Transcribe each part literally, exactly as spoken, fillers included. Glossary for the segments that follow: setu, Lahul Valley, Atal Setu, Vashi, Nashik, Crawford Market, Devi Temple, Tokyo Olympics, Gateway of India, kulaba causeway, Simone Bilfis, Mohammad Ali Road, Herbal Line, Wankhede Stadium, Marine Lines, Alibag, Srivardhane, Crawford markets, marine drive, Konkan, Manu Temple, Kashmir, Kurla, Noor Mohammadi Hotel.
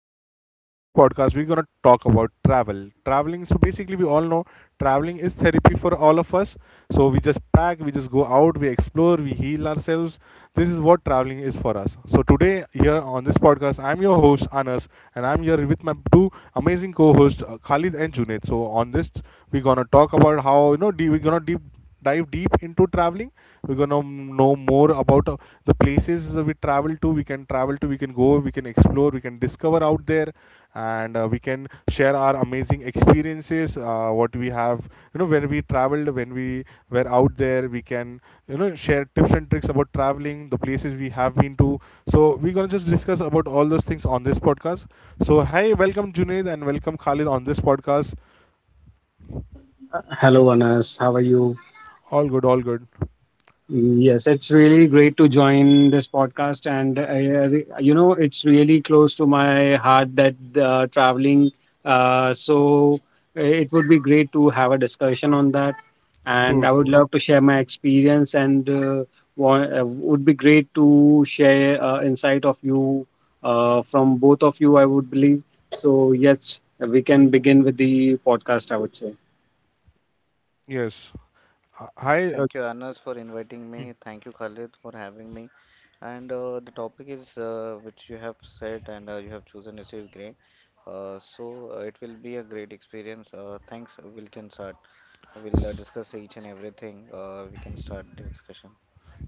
podcast. And on this podcast, we're gonna talk about travel. Traveling. So basically, we all know traveling is therapy for all of us. So we just pack, we just go out, we explore, we heal ourselves. This is what traveling is for us. So today, here on this podcast, I'm your host Anas, and I'm here with my two amazing co-hosts uh, Khalid and Junaid. So on this, we're gonna talk about how you know deep, we're gonna deep dive deep into traveling. We're gonna know more about uh, the places we travel to, we can travel to, we can go, we can explore, we can discover out there. And uh, we can share our amazing experiences, uh, what we have, you know when we traveled, when we were out there. We can, you know share tips and tricks about traveling, the places we have been to. So we're gonna just discuss about all those things on this podcast. So hey, welcome Junaid and welcome Khalid on this podcast. Hello, Anas. How are you? All good, all good. Yes, it's really great to join this podcast. And, uh, you know, it's really close to my heart that uh, traveling. Uh, so uh, it would be great to have a discussion on that. And True, I would true. love to share my experience and uh, wa- uh, would be great to share uh, insight of you uh, from both of you, I would believe. So, yes, we can begin with the podcast, I would say. Yes. Uh, Hi, uh,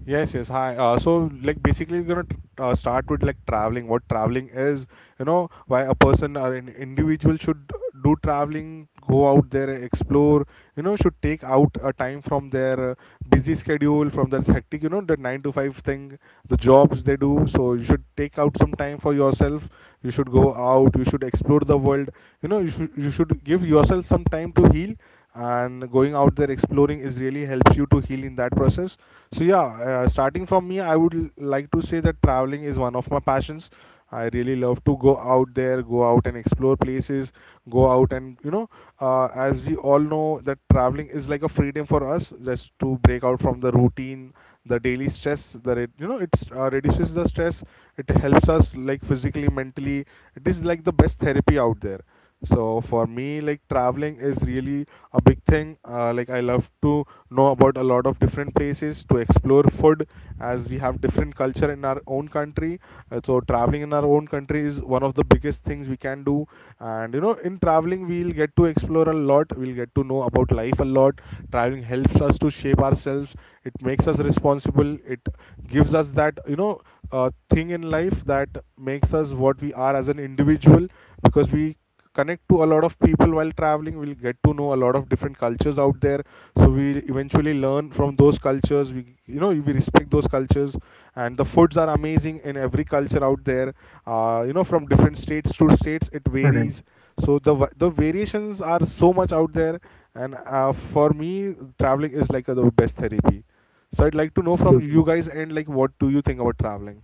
yes, yes. Hi. Uh, so, like, basically, we're gonna tr- uh, start with like traveling. What traveling is, you know, why a person or an individual should do traveling, go out there, explore. You know, should take out a time from their uh, busy schedule, from their hectic, you know, the nine to five thing, the jobs they do. So you should take out some time for yourself. You should go out. You should explore the world. You know, you should you should give yourself some time to heal. And going out there exploring is really helps you to heal in that process. So yeah, uh, starting from me, I would l- like to say that traveling is one of my passions. I really love to go out there, go out and explore places, go out and you know, uh, as we all know that traveling is like a freedom for us, just to break out from the routine, the daily stress. The it you know, it's uh, reduces the stress. It helps us like physically, mentally. It is like the best therapy out there. So for me, like traveling is really a big thing. Uh, like I love to know about a lot of different places to explore food, as we have different culture in our own country. Uh, so traveling in our own country is one of the biggest things we can do. And you know in traveling we'll get to explore a lot, we'll get to know about life a lot. Traveling helps us to shape ourselves. It makes us responsible. It gives us that you know uh, thing in life that makes us what we are as an individual, because we connect to a lot of people while traveling. We'll get to know a lot of different cultures out there, so we eventually learn from those cultures. We you know we respect those cultures, and the foods are amazing in every culture out there. uh, you know from different states to states it Correct. varies, so the va- the variations are so much out there. And uh, for me traveling is like uh, the best therapy. So I'd like to know from Absolutely. you guys, and like, what do you think about traveling?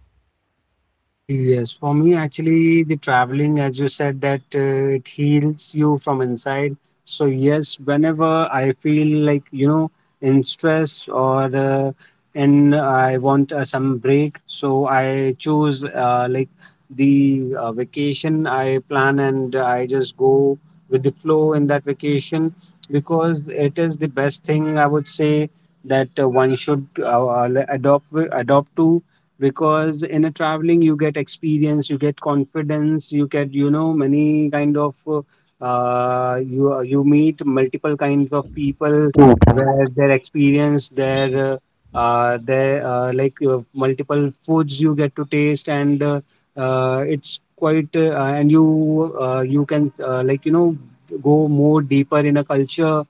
Yes, for me, actually, the traveling, as you said, that uh, it heals you from inside. So, yes, whenever I feel like, you know, in stress or uh, and I want uh, some break, so I choose uh, like the uh, vacation I plan and I just go with the flow in that vacation, because it is the best thing, I would say, that uh, one should uh, uh, like adopt adopt to. Because in a traveling you get experience, you get confidence, you get, you know, many kind of uh, uh, you you meet multiple kinds of people, True, true. where their experience, their Mhm. uh, uh, their uh, like uh, multiple foods you get to taste, and uh, uh, it's quite uh, and you uh, you can uh, like, you know, go more deeper in a culture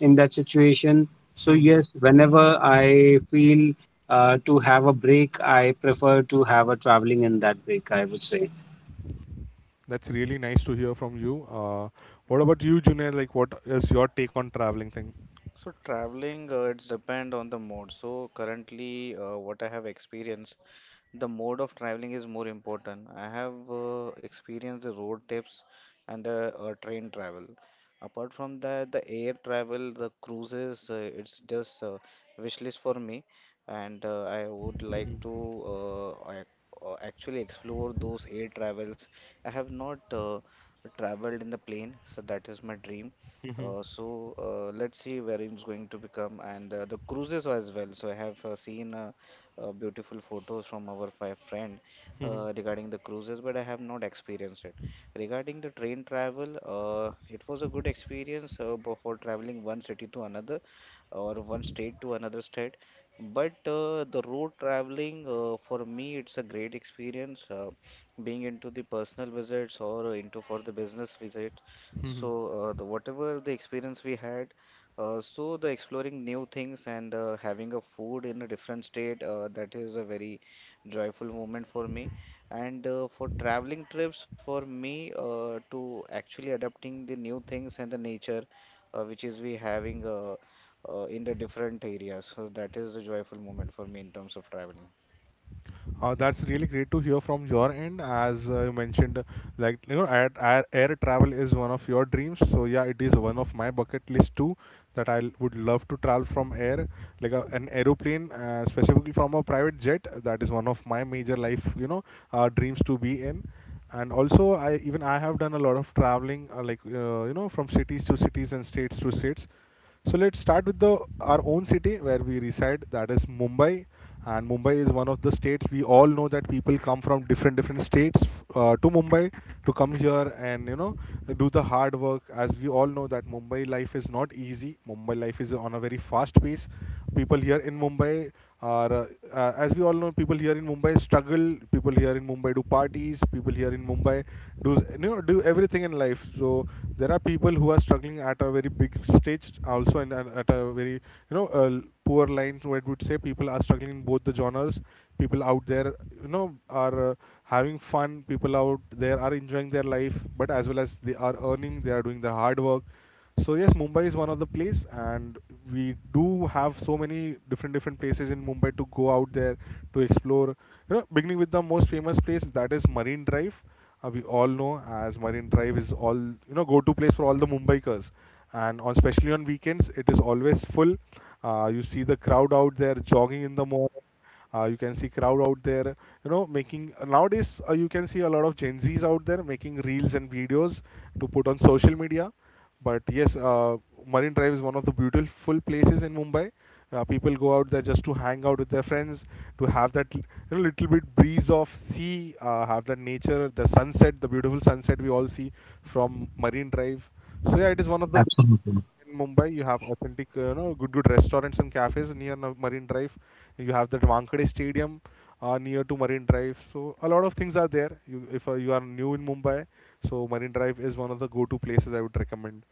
in that situation. So Mhm. yes, whenever I feel uh, to have a break, I prefer to have a traveling in that break, I would say. That's really nice to hear from you. uh, what about you Junaid, like what is your take on traveling thing? Mhm. Mhm. Mhm. Mhm. Uh, that's really great to hear from your end. As uh, you mentioned, like you know, air, air, air travel is one of your dreams. So yeah, it is one of my bucket list too. That I would love to travel from air, like a, an aeroplane, uh, specifically from a private jet. That is one of my major life, you know, uh, dreams to be in. And also, I even I have done a lot of traveling, uh, like uh, you know, from cities to cities and states to states. So let's start with the our own city where we reside. That is Mumbai, and Mumbai is one of the states. We all know that people come from different different states uh, to Mumbai, to come here and you know do the hard work. As we all know that Mumbai life is not easy. Mumbai life is on a very fast pace. People here in Mumbai are, uh, uh, as we all know, people here in Mumbai struggle struggle. People here in Mumbai do parties. People here in Mumbai do you know do everything in life. So there are people who are struggling at a very big stage also, and at at a very you know uh, poor line. So, what would say, people are struggling in both the genres. People out there you know are uh, having fun. People out there are enjoying their life, but as well as they are earning, they are doing the hard work. So yes, Mumbai is one of the place, and we do have so many different different places in Mumbai to go out there to explore. You know, beginning with the most famous place, that is Marine Drive. Uh, we all know as Marine Drive is all you know go to place for all the Mumbaikars, and on especially on weekends it is always full. Uh, you see the crowd out there jogging in the morning. Uh, you can see crowd out there, you know, making nowadays uh, you can see a lot of Gen Zs out there making reels and videos to put on social media. But yes, uh, Marine Drive is one of the beautiful places in Mumbai. Uh, people go out there just to hang out with their friends, to have that you know, little bit breeze of sea, uh, have that nature, the sunset, the beautiful sunset we all see from Marine Drive. So yeah, it is one of the Absolutely. in Mumbai. You have authentic, uh, you know, good good restaurants and cafes near Na- Marine Drive. You have that Wankhede Stadium uh, near to Marine Drive. So a lot of things are there. You, if uh, you are new in Mumbai, so Marine Drive is one of the go-to places I would recommend.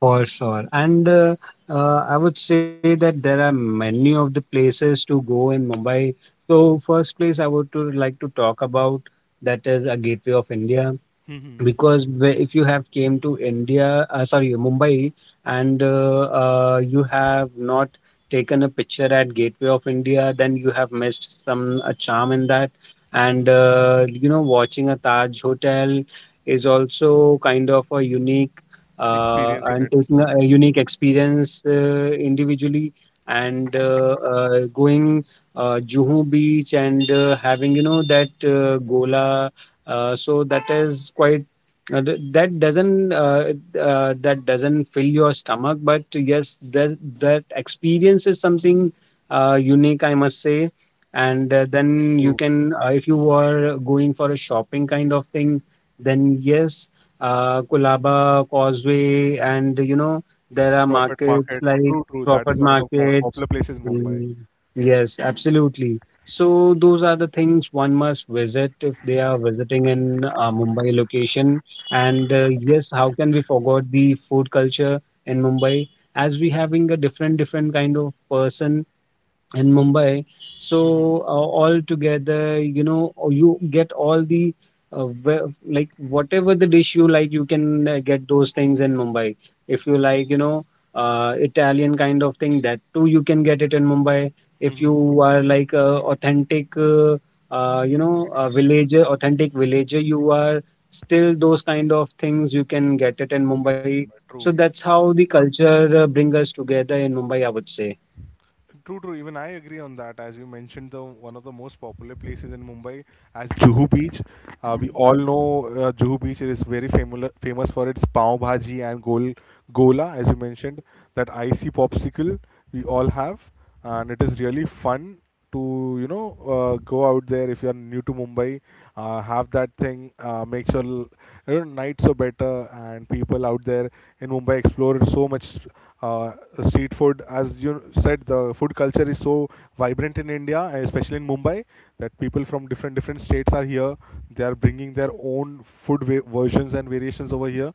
For sure. And uh, uh, I would say that there are many of the places to go in Mumbai. So first place I would to like to talk about, that is a Gateway of India. Hmm. because whe- if you have came to India, uh, sorry, Mumbai, and uh, uh, you have not taken a picture at Gateway of India, then you have missed some a charm in that. And uh, you know, watching a Taj hotel is also kind of a unique uh, Experience in and taking a, itself. a unique Hmm. experience uh, individually. And uh, uh, going uh, Juhu Beach and uh, having, you know, that uh, Gola. Uh, so that is quite uh, th- that doesn't uh, uh, that doesn't fill your stomach, but yes, that that experience is something uh, unique, I must say. And uh, then you True, true. can uh, if you are going for a shopping kind of thing, then yes, uh, kulaba causeway, and you know there are Crawford markets Market. like True, true. That Crawford is one of the po- markets. popular places in Mumbai. Mm, yes, absolutely. So those are the things one must visit if they are visiting in uh, Mumbai location. And uh, yes, how can we forget the food culture in Mumbai? As we having a different different kind of person in Mumbai. Hmm. So uh, all together, you know, or you get all the uh, ve- like whatever the dish you like, you can uh, get those things in Mumbai. If you like, you know, uh, Italian kind of thing, that too you can get it in Mumbai. If Hmm. You you are like a authentic, uh, uh, you know, a villager, authentic villager, you are still those kind of things you can get it in can get in Mumbai. Mumbai. So True. that's how the culture uh, bring us together in Mumbai, I would say. True, true. Even I agree on that. As you mentioned, the one of the most popular places in Mumbai as Juhu Beach. Uh, we all know uh, Juhu Beach is very famous famous for its pav bhaji and gol gola, as you mentioned, that icy popsicle we all have, and it is really fun to you know uh, go out there if you are new to Mumbai. Uh, have that thing uh, makes your l- you know, nights so better, and people out there in Mumbai explore so much uh, street food. As you said, the food culture is so vibrant in India, especially in Mumbai, that people from different different states are here. They are bringing their own food va- versions and variations over here,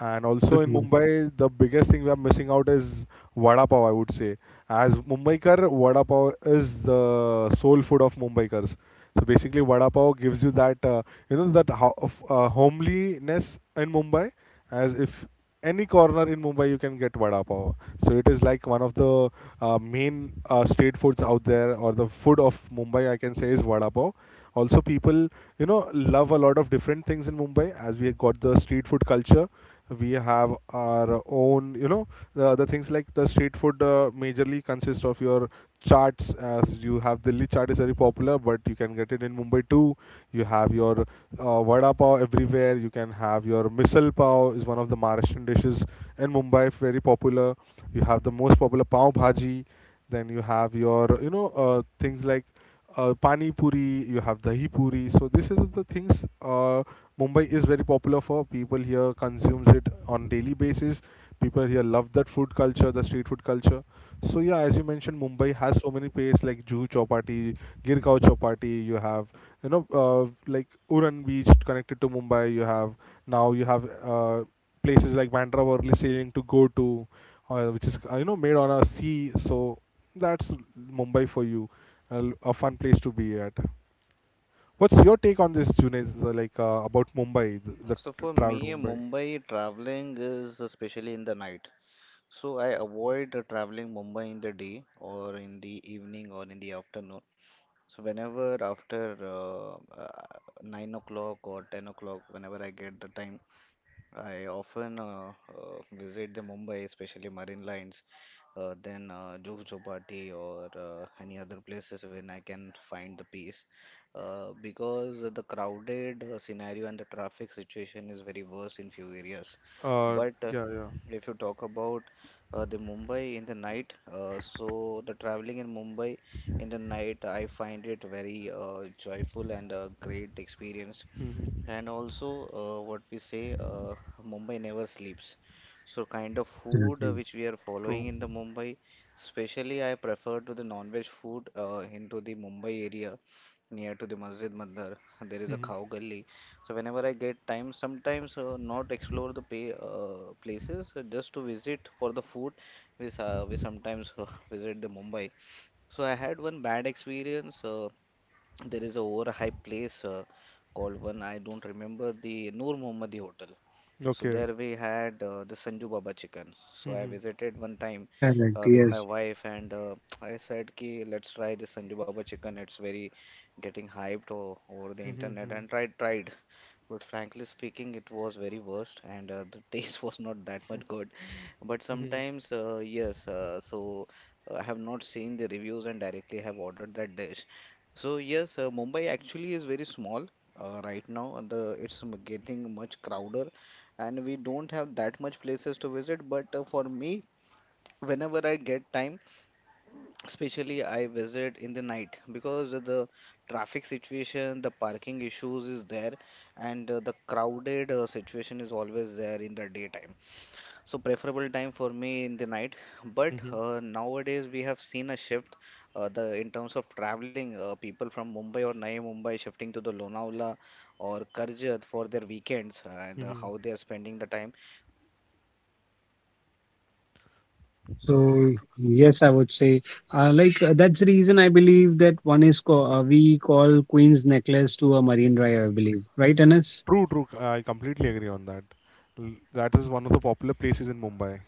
and also Absolutely. in Mumbai, the biggest thing we are missing out is vada pav, I would say. As Mumbaikar, vada pav is the soul food of Mumbaikars. So basically, vada pav gives you that, uh, you know, that ho- of, uh, homeliness in Mumbai. As if any corner in Mumbai, you can get vada pav. So it is like one of the uh, main uh, street foods out there, or the food of Mumbai, I can say, is vada pav. Also, people you know love a lot of different things in Mumbai, as we got the street food culture. We have our own, you know the, the things like the street food uh, majorly consists of your charts, as you have Delhi chaat is very popular, but you can get it in Mumbai too. You have your uh, vada pav everywhere. You can have your misal pav is one of the Maharashtrian dishes in Mumbai very popular. You have the most popular pav bhaji. Then you have your you know uh, things like uh, pani puri, you have dahi puri. So this is the things, uh, Mumbai is very popular for. People here consumes it on daily basis. People here love that food culture, the street food culture. So yeah, as you mentioned, Mumbai has so many places like Juhu Chowpatty, Girgaon Chowpatty. You have you know uh, like Uran Beach connected to Mumbai. You have Now you have uh, places like Bandra Worli sailing to go to, uh, which is uh, you know made on a sea. So that's Mumbai for you. A, a fun place to be at. What's your take on this, Junaid? So, like uh, about Mumbai, the, the So t- for travel to me, Mumbai. Mumbai traveling is especially in the night. So I avoid uh, traveling Mumbai in the day or in the evening or in the afternoon. So whenever after uh, uh, nine o'clock or ten o'clock, whenever I get the time, I often uh, uh, visit the Mumbai, especially Marine Lines, uh, then uh, Juhu Chopati or uh, any other places when I can find the peace. Uh, because the crowded uh, scenario and the traffic situation is very worse in few areas. Uh, But uh, yeah, yeah. if you talk about uh, the Mumbai in the night, uh, so the traveling in Mumbai in the night, I find it very uh, joyful and a great experience Mm-hmm. and also, uh, what we say, uh, Mumbai never sleeps. So, kind of food uh, Absolutely which we are following True. in the Mumbai, especially I prefer to the non-veg food uh, into the Mumbai area near to the Masjid Mandar. There is a Mm-hmm. Khao Gali. So, whenever I get time, sometimes uh, not explore the pay, uh, places, uh, just to visit for the food. We, s- uh, we sometimes uh, visit the Mumbai. So, I had one bad experience. Uh, there is a overhyped place uh, called one I don't remember the Noor Mohammadi Hotel. So Okay. there we had uh, the Sanju Baba chicken. So I Mm-hmm. visited one time correct. uh, with my Yes. wife and uh, I said ki let's try the Sanju Baba chicken. It's very getting hyped o- over the Mm-hmm. internet Mm-hmm. and tried tried. But frankly speaking, it was very worst, and uh, the taste was not that much good. But sometimes, uh, yes, uh, so uh, I have not seen the reviews and directly have ordered that dish. So yes, uh, Mumbai actually is very small uh, right now. And The it's m- getting much crowder, and we don't have that much places to visit. But uh, for me, whenever I get time. Especially I visit in the night because of the traffic situation, the parking issues is there, and uh, the crowded uh, situation is always there in the daytime, so preferable time for me in the night. But Mm-hmm. uh, nowadays we have seen a shift uh, the in terms of traveling uh, people from Mumbai or Naya Mumbai shifting to the Lonavala or Karjat for their weekends and uh, Mm-hmm. how they are spending the time, especially in the uh, other Nashik as well we have seen their So people are yes, uh, I would shifting. say So uh, that is like my uh, that's the experience in reason I terms of believe traveling that into the one is Mumbai. co- uh, we call Queen's Necklace to a Marine Drive. I believe, right, Anas? True, true. I completely agree on that. L- That is one of the popular places in Mumbai.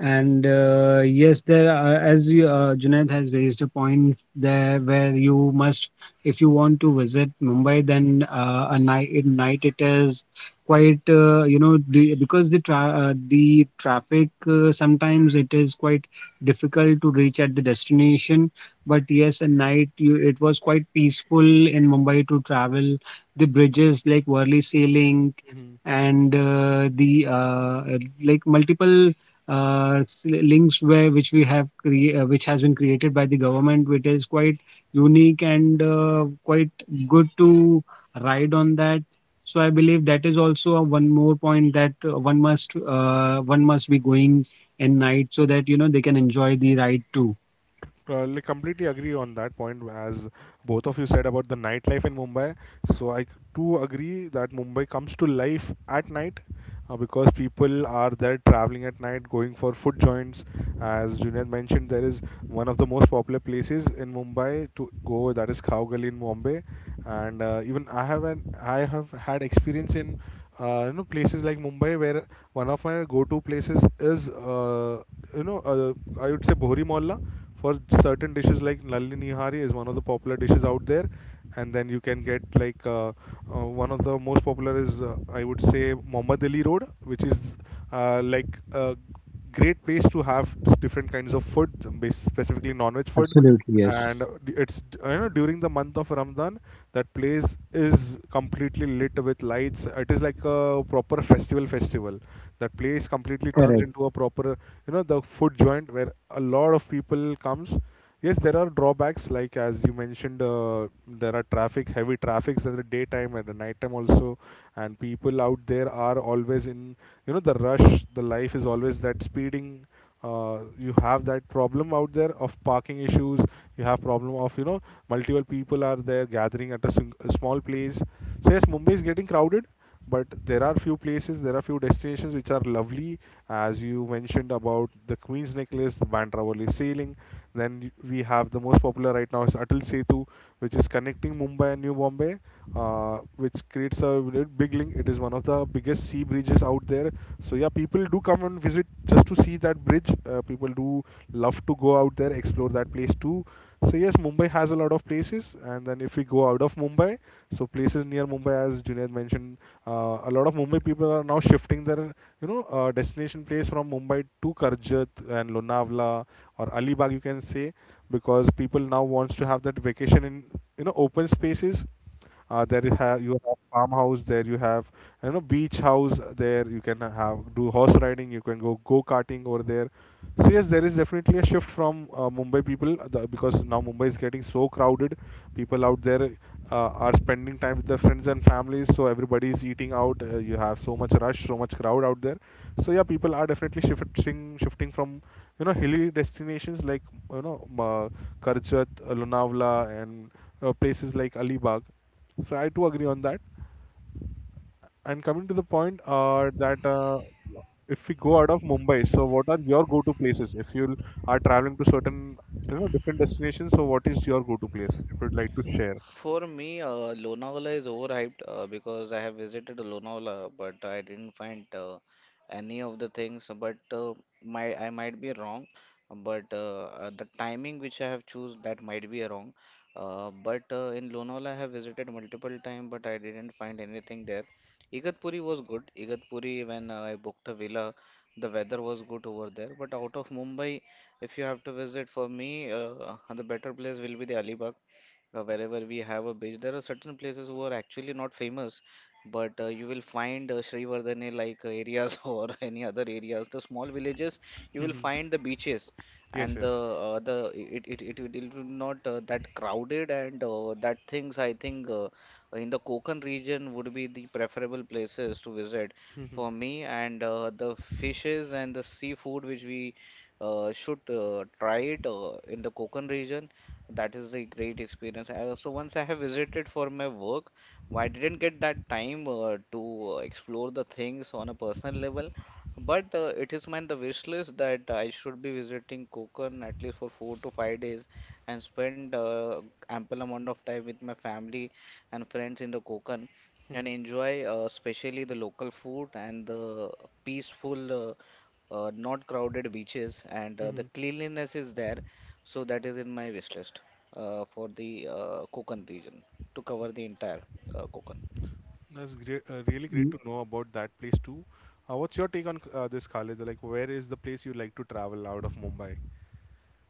And uh, yes, there are, as you, uh, Junaid has raised a point there, where you must, if you want to visit Mumbai, then uh, a night, at night it is quite, uh, you know, the, because the tra- uh, the traffic uh, sometimes it is quite difficult to reach at the destination. But yes, at night you, it was quite peaceful in Mumbai to travel. The bridges like Worli Sea Link and uh, the uh, like multiple uh, s- links where, which we have cre- uh, which has been created by the government, which is quite unique and uh, quite good to ride on that. So I believe that is also a one more point that uh, one must uh, one must be going in night, so that you know they can enjoy the ride too. Uh, like completely agree on that point as both of you said about the nightlife in Mumbai. So I too agree that Mumbai comes to life at night uh, because people are there traveling at night, going for food joints. As Junaid mentioned, there is one of the most popular places in Mumbai to go, that is Khao Gali in Bombay, and uh, even I have an I have had experience in uh, you know places like Mumbai, where one of my go-to places is uh, you know uh, I would say Bohri Mohalla for certain dishes like Nalli Nihari, is one of the popular dishes out there. And then you can get like uh, uh, one of the most popular is uh, I would say Mohammad Ali Road, which is uh, like uh, great place to have different kinds of food, um, bas- specifically non-veg food. Absolutely, And yes. it's you know during the month of Ramadan, that place is completely lit with lights. It is like a proper festival festival. That place completely turns Correct. into a proper, you know the food joint where a lot of people comes. Yes, there are drawbacks, like as you mentioned, uh, there are traffic, heavy traffics at the daytime and the nighttime also, and people out there are always in, you know, the rush. The life is always that speeding. Uh, you have that problem out there of parking issues. You have problem of, you know multiple people are there gathering at a, sing- a small place. So yes, Mumbai is getting crowded, but there are few places, there are few destinations which are lovely, as you mentioned about the Queen's Necklace, the Bandra-Worli sailing. Then we have the most popular right now is Atal Setu, which is connecting Mumbai and New Bombay, uh, which creates a big link. It is one of the biggest sea bridges out there. So yeah, people do come and visit just to see that bridge. Uh, people do love to go out there, explore that place too. So yes, Mumbai has a lot of places. And then if we go out of Mumbai, so places near Mumbai, as Junaid mentioned, uh, a lot of Mumbai people are now shifting their, you know, uh, destination place from Mumbai to Karjat and Lonavala or Alibag, you can say, because people now wants to have that vacation in, you know, open spaces. Uh, there you have you have farmhouse, there you have, you know, beach house. There you can have do horse riding, you can go go karting over there. So yes, there is definitely a shift from uh, Mumbai people, uh, the, because now Mumbai is getting so crowded. People out there uh, are spending time with their friends and families, so everybody is eating out. Uh, you have so much rush, so much crowd out there. So yeah, people are definitely shifting, shifting from, you know hilly destinations like, you know uh, Karjat, uh, Lonavala, and uh, places like Alibag. So I too agree on that. And coming to the point, uh, that uh, if we go out of Mumbai, so what are your go-to places? If you are traveling to certain, you know, different destinations, so what is your go-to place, if you'd like to share? For me, uh, Lonavala is overhyped uh, because I have visited Lonavala, but I didn't find uh, any of the things. But uh, my I might be wrong, but uh, uh, the timing which I have choose that might be wrong. Uh, but uh, In Lonavala, I have visited multiple time, but I didn't find anything there. Igatpuri was good. Igatpuri, when uh, I booked a villa, the weather was good over there. But out of Mumbai, if you have to visit, for me, uh, the better place will be the Alibag uh, wherever we have a beach. There are certain places who are actually not famous, but uh, you will find uh, Srivardhane like uh, areas or any other areas, the small villages, you will Mhm. find the beaches Yes, and the yes. uh, the it it, it, it it will not uh, that crowded and uh, that things I think uh, in the Konkan region would be the preferable places to visit for me and uh, the fishes and the seafood which we uh, should uh, try it uh, in the Konkan region, that is a great experience. I also once I have visited for my work. I didn't get that time uh, to uh, explore the things on a personal level, but uh, it is my the wish list that I should be visiting Konkan at least for four to five days and spend uh, ample amount of time with my family and friends in the Konkan and enjoy uh, especially the local food and the peaceful uh, uh, not crowded beaches, and uh, the cleanliness is there. So that is in my wish list uh, for the uh, Konkan region to cover the entire uh, Konkan. That's great, uh, really great to know about that place too. Uh, what's your take on uh, this, Khalid? Like, where is the place you like to travel out of Mumbai?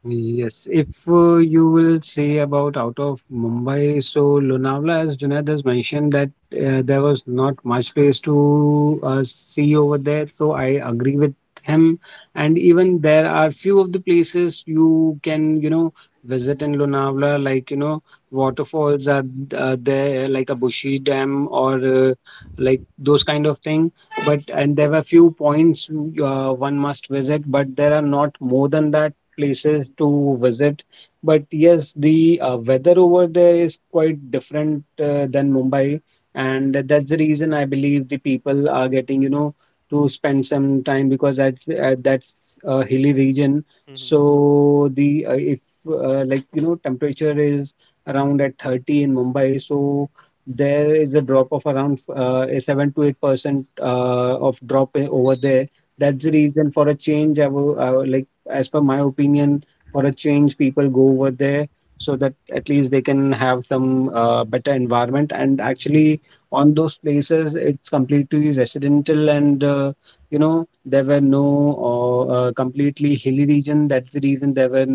Yes, if uh, you will say about out of Mumbai, so Lonavala, as Junaid has mentioned, that uh, there was not much place to uh, see over there. So I agree with him. And even there are few of the places you can, you know, visit in Lonavala, like, you know, waterfalls are uh, there, like a Bushi Dam or uh, like those kind of thing. But and there were few points uh, one must visit, but there are not more than that places to visit. But yes, the uh, weather over there is quite different uh, than Mumbai, and that's the reason I believe the people are getting, you know, to spend some time, because at, at that's a hilly region. Mhm. So the uh, if uh, like you know temperature is around at thirty in Mumbai, so there is a drop of around uh, a seven to eight percent uh, of drop i- over there. That's Mhm. the reason for a change. I will, I will like, as per my opinion, for a change, people go over there so that at least they can have some uh, better environment. And actually, on those places, it's completely residential and uh, you know there were no uh, uh, completely hilly region. That's the reason there were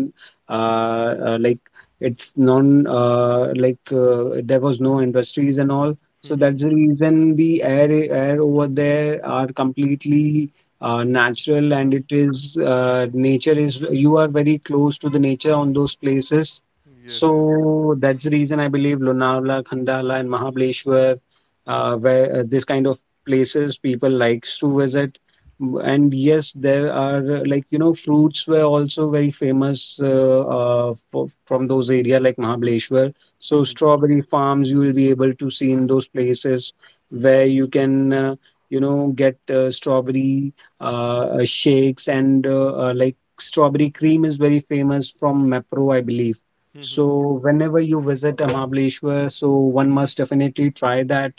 uh, uh, like it's non uh, like uh, there was no industries and all. So that's the reason the air air over there are completely uh, natural, Mm, and it that's- is uh, nature is, you are very close to the nature on those places. Yes, yes. So that's the reason I believe Lonavala, Khandala, and Mahabaleshwar, uh, where uh, this kind of places people likes to visit. M- And yes, there are uh, like you know fruits were also very famous uh, uh, for, from those area like Mahabaleshwar. So Mhm. strawberry farms you will be able to see in those places, where you can uh, you know get uh, strawberry uh, uh, shakes, and uh, uh, like strawberry cream is very famous from Mapro, I believe. So Mhm. whenever you visit Amableshwar, so one must definitely try that,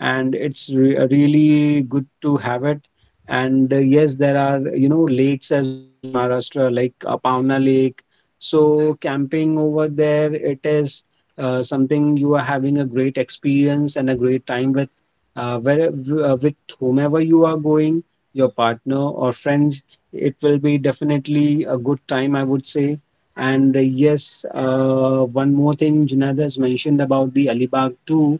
and it's re uh, really good to have it. And uh, yes, there are, you know, lakes as well in Maharashtra, like Apavna Lake. So camping over there, it is uh, something you are having a great experience and a great time with, uh, where, uh, with whomever you are going, your partner or friends, it will be definitely a good time, I would say. And uh, yes, uh, one more thing Junaid has mentioned about the Alibag too.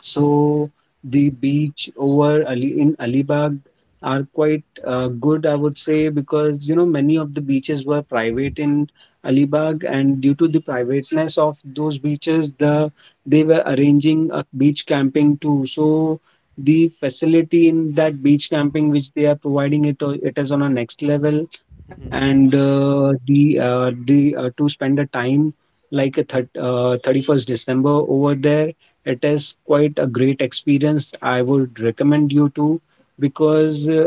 So the beach over Ali in Alibag are quite uh, good, I would say, because you know many of the beaches were private in Alibag, and due to the privateness of those beaches, the they were arranging a beach camping too. So the facility in that beach camping which they are providing, it o- it is on a next level, and uh, the uh, the uh, to spend a time like a thir- uh, thirty-first December over there, it is quite a great experience. I would recommend you to, because uh,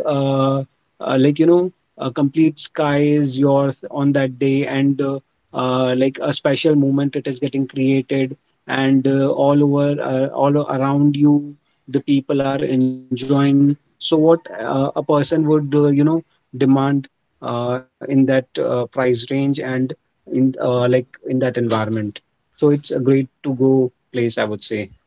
uh, like you know a complete sky is yours on that day, and uh, uh, like a special moment it is getting created, and uh, all over uh, all o- around you the people are enjoying, so what uh, a person would uh, you know demand uh, in that uh, price range and in uh, like in that environment, so it's a great to go place, I would say.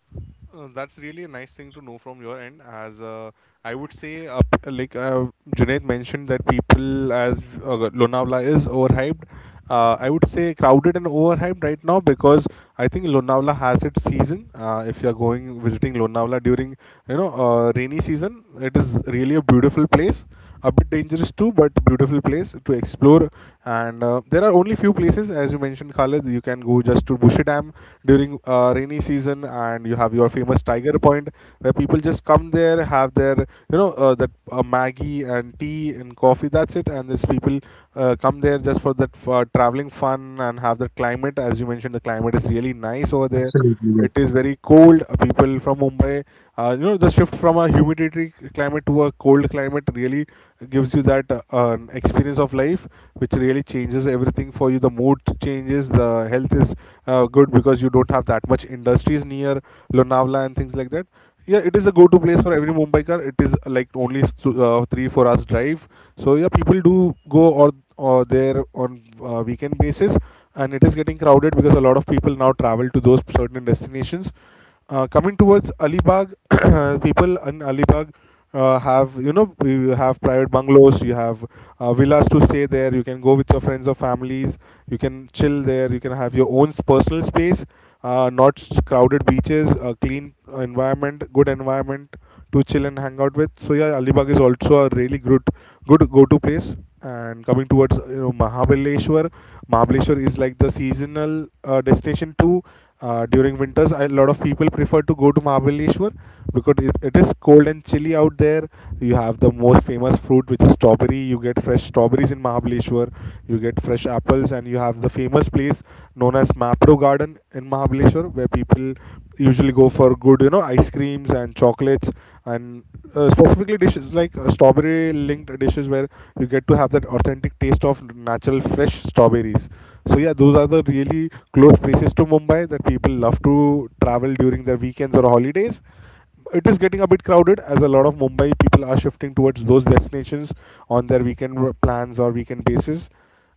Uh, that's really a nice thing to know from your end. As uh, I would say, uh, like uh, Junaid mentioned, that people as uh, Lonavala is overhyped. Uh, I would say crowded and overhyped right now, because I think Lonavala has its season. Uh, if you're going visiting Lonavala during, you know uh, rainy season, it is really a beautiful place, a bit dangerous too, but beautiful place to explore. And uh, there are only few places, as you mentioned, Khalid, you can go just to Bushy Dam during uh, rainy season, and you have your famous Tiger Point where people just come there, have their, you know uh, that uh, Maggie and tea and coffee, that's it. And these people uh, come there just for that uh, traveling fun, and have that climate. As you mentioned, the climate is really nice over there. Absolutely, It yes. is very cold. Uh, people from Mumbai, uh, you know the shift from a humidity climate to a cold climate really gives you that uh, um, experience of life, which really changes everything for you. The mood changes, the health is uh, good, because you don't have that much industries near Lonavala and things like that. Yeah, it is a go to place for Absolutely. every Mumbaikar. It is uh, like only th- uh, three four hours drive. So yeah, people do go, or, or there on uh, weekend basis, and it is getting crowded because a lot of people now travel to those certain destinations. Uh, coming towards Alibag, people in Alibag uh, have you know you have private bungalows, you have uh, villas to stay there. You can go with your friends or families. You can chill there. You can have your own personal space. Uh, not s- crowded beaches, a clean environment, good environment to chill and hang out with. So yeah, Alibag is also a really good good go-to place. And coming towards, you know Mahabaleshwar, Mahabaleshwar is like the seasonal uh, destination too. Uh, during winters, a lot of people prefer to go to Mahabaleshwar because it, it is cold and chilly out there. You have the most famous fruit, which is strawberry. You get fresh strawberries in Mahabaleshwar. You get fresh apples, and you have the famous place known as Mapro Garden in Mahabaleshwar, where people usually go for good, you know, ice creams and chocolates, and uh, specifically dishes like uh, strawberry-linked dishes, where you get to have that authentic taste of natural fresh strawberries. So yeah, those are the really close places to Mumbai that people love to travel during their weekends or holidays. It is getting a bit crowded as a lot of Mumbai people are shifting towards those destinations on their weekend plans or weekend basis.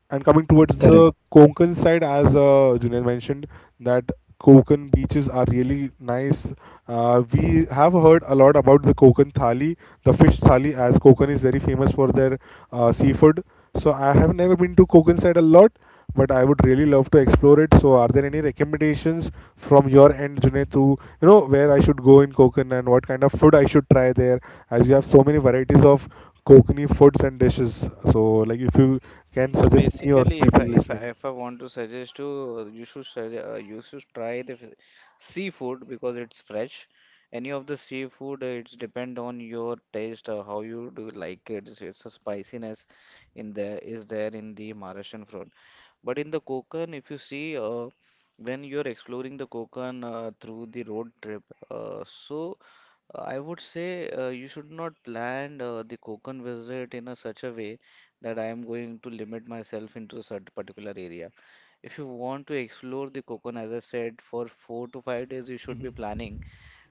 And coming towards the Correct. Konkan side, as uh, Junaid mentioned, that Konkan beaches are really nice. Uh, we have heard a lot about the Konkan thali, the fish thali, as Konkan is very famous for their uh, seafood. So I have never been to Konkan side a lot, but I would really love to explore it. So are there any recommendations from your end, Junaid, to, you know, where I should go in Konkan, and what kind of food I should try there? As you have so many varieties of Konkani foods and dishes. So, like, if you can So suggest me or basically, if I people if I listening. if I want to suggest to you should sugge- uh, you should try the f- seafood because it's fresh. Any of the seafood, uh, it's depend on your taste, uh, how you do like it. It's, it's a spiciness in there is there in the Maharashtrian. But in the Konkan, if you see, uh, when you're exploring the Konkan uh, through the road trip, uh, so uh, I would say uh, you should not plan uh, the Konkan visit in a such a way that I am going to limit myself into a certain particular area. If you want to explore the Konkan, as I said, for four to five days, you should be Mhm, planning.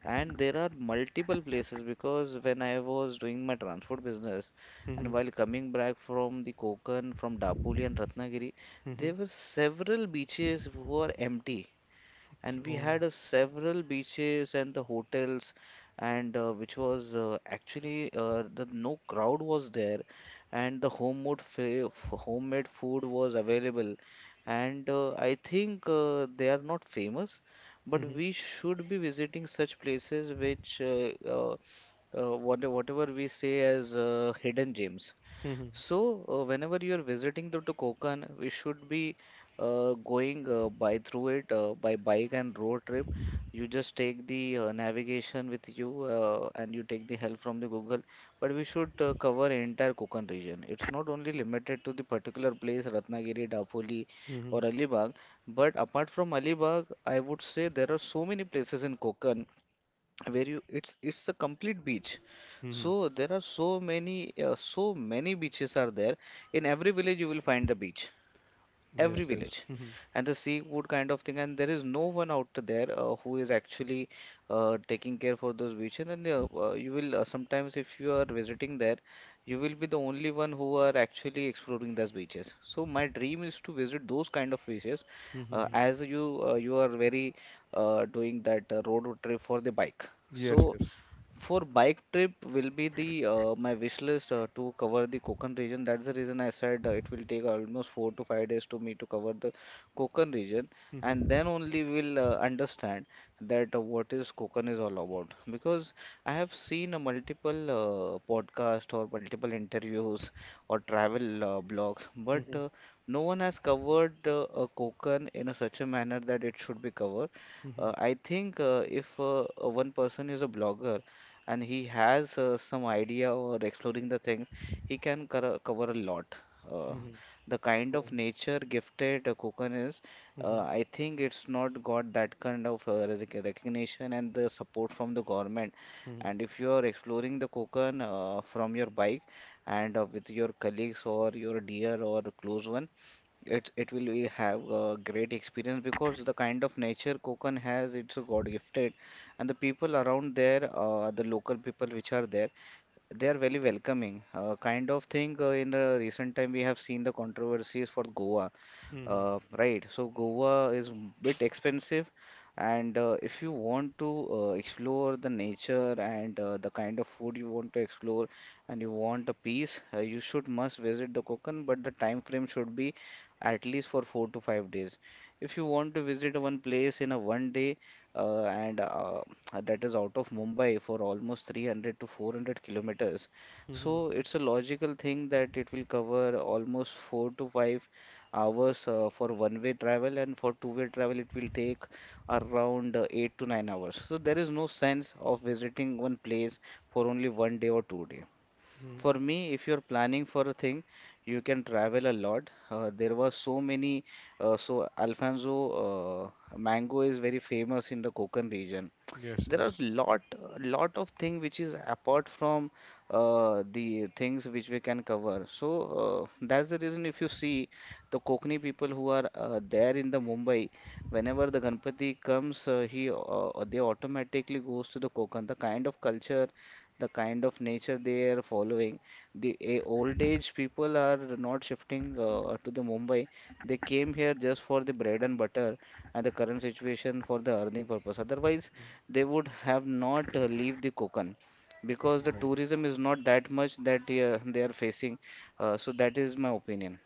And there are multiple places because when I was doing my transport business and mhm, while coming back from the Konkan, from Dapoli and Ratnagiri, mhm, there were several beaches who are empty and we had uh, several beaches and the hotels and uh, which was uh, actually uh, the no crowd was there and the homemade fa- f- homemade food was available and uh, I think uh, they are not famous, but we should be visiting such places which uh, uh, uh, what- whatever we say as uh, hidden gems. So, uh, whenever you are visiting the Kokan, we should be uh, going uh, by through it uh, by bike and road trip. You just take the uh, navigation with you uh, and you take the help from the Google. But we should uh, cover entire Kokan region. It's not only limited to the particular place Ratnagiri, Dapoli, or mhm, Alibag. But apart from Alibag, I would say there are so many places in Kokan where you it's it's a complete beach, mhm. so there are so many uh, so many beaches are there in every village you will find the beach, every Yes, yes. village, Mhm, and the seafood kind of thing, and there is no one out there uh, who is actually uh, taking care for those beaches and uh, uh, you will uh, sometimes if you are visiting there, you will be the only one who are actually exploring those beaches. So my dream is to visit those kind of beaches mhm, uh, mhm. as you uh, you are very uh, doing that uh, road trip for the bike, Yes, so yes. for bike trip will be the uh, my wish list uh, to cover the Konkan region. That's the reason I said uh, it will take almost four to five days to me to cover the Konkan region, and Mhm, then only we'll uh, understand that uh, what is Konkan is all about. Because I have seen a multiple uh, podcast or multiple interviews or travel uh, blogs, but mhm, uh, no one has covered uh, uh, Konkan in a such a manner that it should be covered. mhm, Uh, I think uh, if uh, uh, one person is a blogger and he has uh, some idea or exploring the things, he can cor- cover a lot. Uh, mhm. the kind of True. nature gifted uh, Kukan is, Mhm, uh, I think it's not got that kind of uh, resic- recognition and the support from the government. mhm, And if you are exploring the Kukan uh, from your bike and uh, with your colleagues or your dear or close one, it it will be have a great experience because the kind of nature Konkan has, it's a God gifted, and the people around there, uh, the local people which are there, they are very welcoming. Uh, kind of thing uh, in the recent time we have seen the controversies for Goa, mhm, mhm, uh, right? So Goa is m- bit expensive, and uh, if you want to uh, explore the nature and uh, the kind of food you want to explore, and you want a peace, uh, you should must visit the Konkan, but the time frame should be at least for four to five days. If you want to visit one place in a one day, uh, and uh, that is out of Mumbai for almost three hundred to four hundred kilometers, mhm. so it's a logical thing that it will cover almost four to five hours uh, for one-way travel, and for two-way travel, it will take around uh, eight to nine hours. So there is no sense of visiting one place for only one day or two day. Mhm. For me, if you're planning for a thing, you can travel a lot. Uh, there were so many. Uh, so Alfonso, uh, mango is very famous in the Konkan region. Yes, There are yes. lot lot of thing which is apart from uh, the things which we can cover. So uh, that's the reason if you see the Kokani people who are uh, there in the Mumbai, whenever the Ganpati comes, uh, he uh, they automatically goes to the Konkan, the kind of culture, the kind of nature they are following. The eh, old age people are not shifting uh, to the Mumbai. They came here just for the bread and butter and the current situation for the earning purpose. Otherwise they would have not uh, leave the Konkan because the Right. tourism is not that much that uh, they are facing. Uh, so that is my opinion.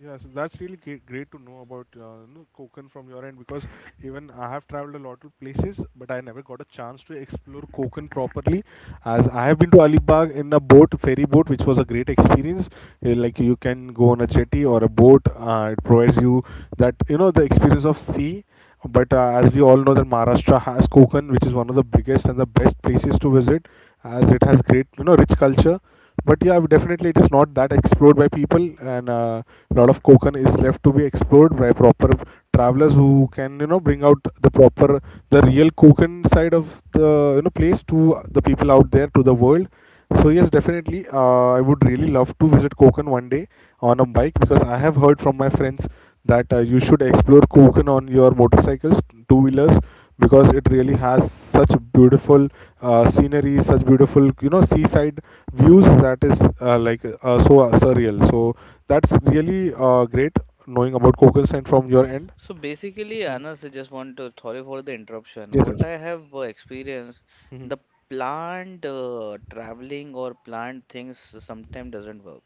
Yeah, so that's really great, great to know about, uh, you know, Konkan from your end, because even I have traveled a lot of places, but I never got a chance to explore Konkan properly. As I have been to Alibag in a boat, ferry boat, which was a great experience. Uh, Like, you can go on a jetty or a boat. Uh, it provides you that, you know, the experience of sea. But uh, as we all know, that Maharashtra has Konkan, which is one of the biggest and the best places to visit, as it has great, you know, rich culture. But yeah, definitely it is not that explored by people, and a lot of Kokan is left to be explored by proper travelers who can, you know, bring out the proper, the real Kokan side of the, you know, place to the people out there to the world. So yes, definitely. Uh, I would really love to visit Konkan one day on a bike, because I have heard from my friends that uh, you should explore Konkan on your motorcycles, two wheelers, because it really has such beautiful uh, scenery, such beautiful, you know seaside views, that is uh, like uh, so uh, surreal. So that's really uh, great knowing about Konkan and from your end. So basically, Anas, I just want to sorry for the interruption. Yes, sir. What I have uh, experienced, the planned uh, traveling or planned things sometimes doesn't work.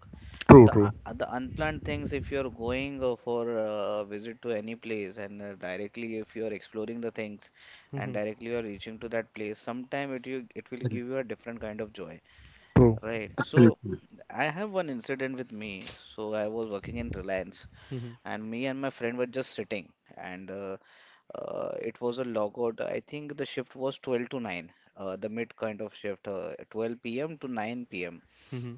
True, The true, uh, the unplanned things, if you're going uh, for a visit to any place and uh, directly if you're exploring the things and directly you're reaching to that place, sometime it you it will give Correct. you a different kind of joy, true. right? So Absolutely. I have one incident with me. So I was working in Reliance, and me and my friend were just sitting and uh, uh, it was a logout. I think the shift was twelve to nine, uh, the mid kind of shift, uh, twelve p m to nine p m.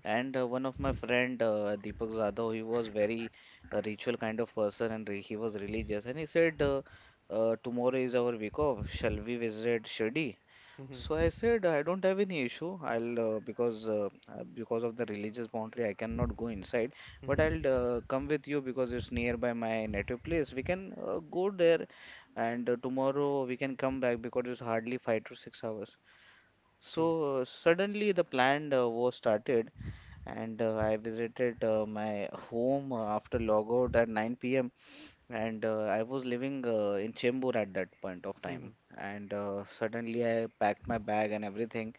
And uh, one of my friend, uh, Deepak Zadhav, he was very uh, ritual kind of person and re- he was religious. And he said, uh, uh, tomorrow is our week off. Shall we visit Shirdi? So I said, I don't have any issue. I'll uh, because uh, uh, because of the religious boundary, I cannot go inside. But I'll uh, come with you because it's nearby my native place. We can uh, go there, and uh, tomorrow we can come back because it's hardly five to six hours. So uh, suddenly the plan uh, was started, and uh, I visited uh, my home uh, after logout at nine p m, and uh, I was living uh, in Chembur at that point of time. And uh, suddenly I packed my bag and everything.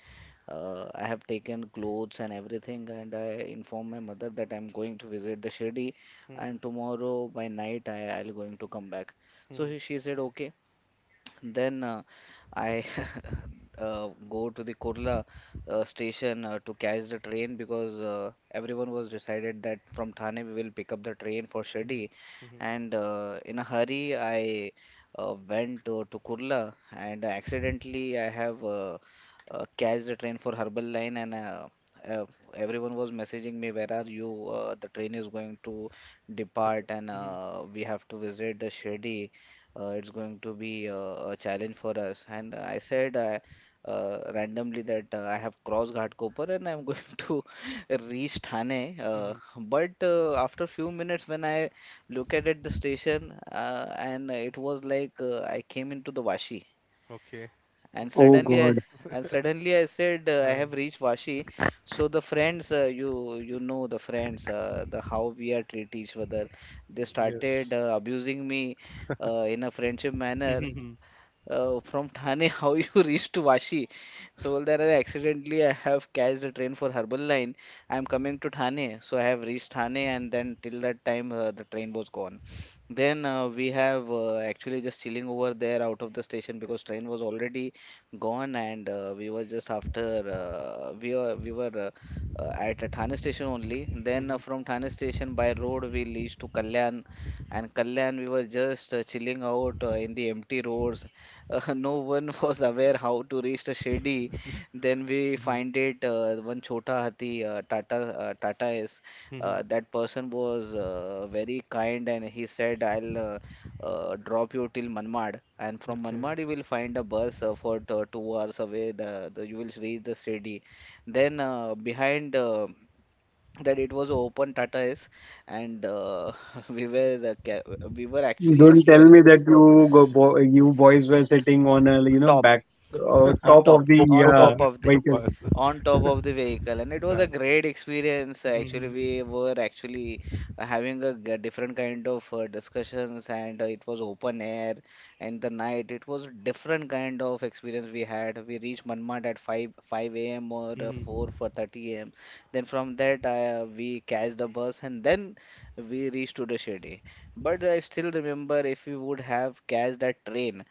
Uh, I have taken clothes and everything, and I informed my mother that I'm going to visit the Shirdi, and tomorrow by night I, I'll going to come back. So he, she said okay. Then uh, I uh, go to the Kurla uh, station uh, to catch the train because uh, everyone was decided that from Thane we will pick up the train for Shirdi. And uh, in a hurry, I uh, went to, to Kurla and accidentally I have uh, uh, catch the train for Herbal Line, and uh, uh, everyone was messaging me, where are you? Uh, the train is going to depart, and uh, we have to visit the Shirdi. Uh, it's going to be uh, a challenge for us. And I said uh, uh, randomly that uh, I have crossed Ghatkopar and I'm going to reach Thane. Uh, but uh, after few minutes, when I look at it, the station, uh, and it was like uh, I came into the Vashi. Okay. And Oh suddenly, I God. and suddenly I said uh, I have reached Vashi. So the friends, uh, you you know the friends, uh, the how we are treat each other. They started Yes. uh, abusing me uh, in a friendship manner uh, from Thane, how you reach to Vashi. So well, there I accidentally I have catched a train for Herbal Line. I am coming to Thane, so I have reached Thane, and then till that time uh, the train was gone. Then uh, we have uh, actually just chilling over there out of the station because train was already gone, and uh, we were just after uh, we were we were. Uh, uh, at uh, Thane station only. Then uh, from Thane station by road we reached to Kalyan, and Kalyan we were just uh, chilling out uh, in the empty roads. Uh, no one was aware how to reach the Shirdi. Then we find it uh, one Chota Hathi, uh, Tata uh, Tata is uh, that person was uh, very kind, and he said I'll uh, uh, drop you till Manmad, and from Manmad you will find a bus uh, for t- two hours away. The, the you will reach the Shirdi. Then uh, behind, Uh, that it was open Tata is, and uh, we were the ca- we were actually Don't tell exploring me that you go bo you boys were sitting on a, you know, top back uh, on top top of the Top on top of top uh, the of the vehicle. pass. on top of the vehicle, and it was a Damn. great experience. Actually we were actually having a g- different kind of uh, discussions, and uh, it was open air in the night. It was a different kind of experience we had. We reached Manmad at five five a m or uh, four for thirty a.m, then from that uh, we catch the bus, and then we reached to the Shirdi. But I still remember, if we would have catch that train,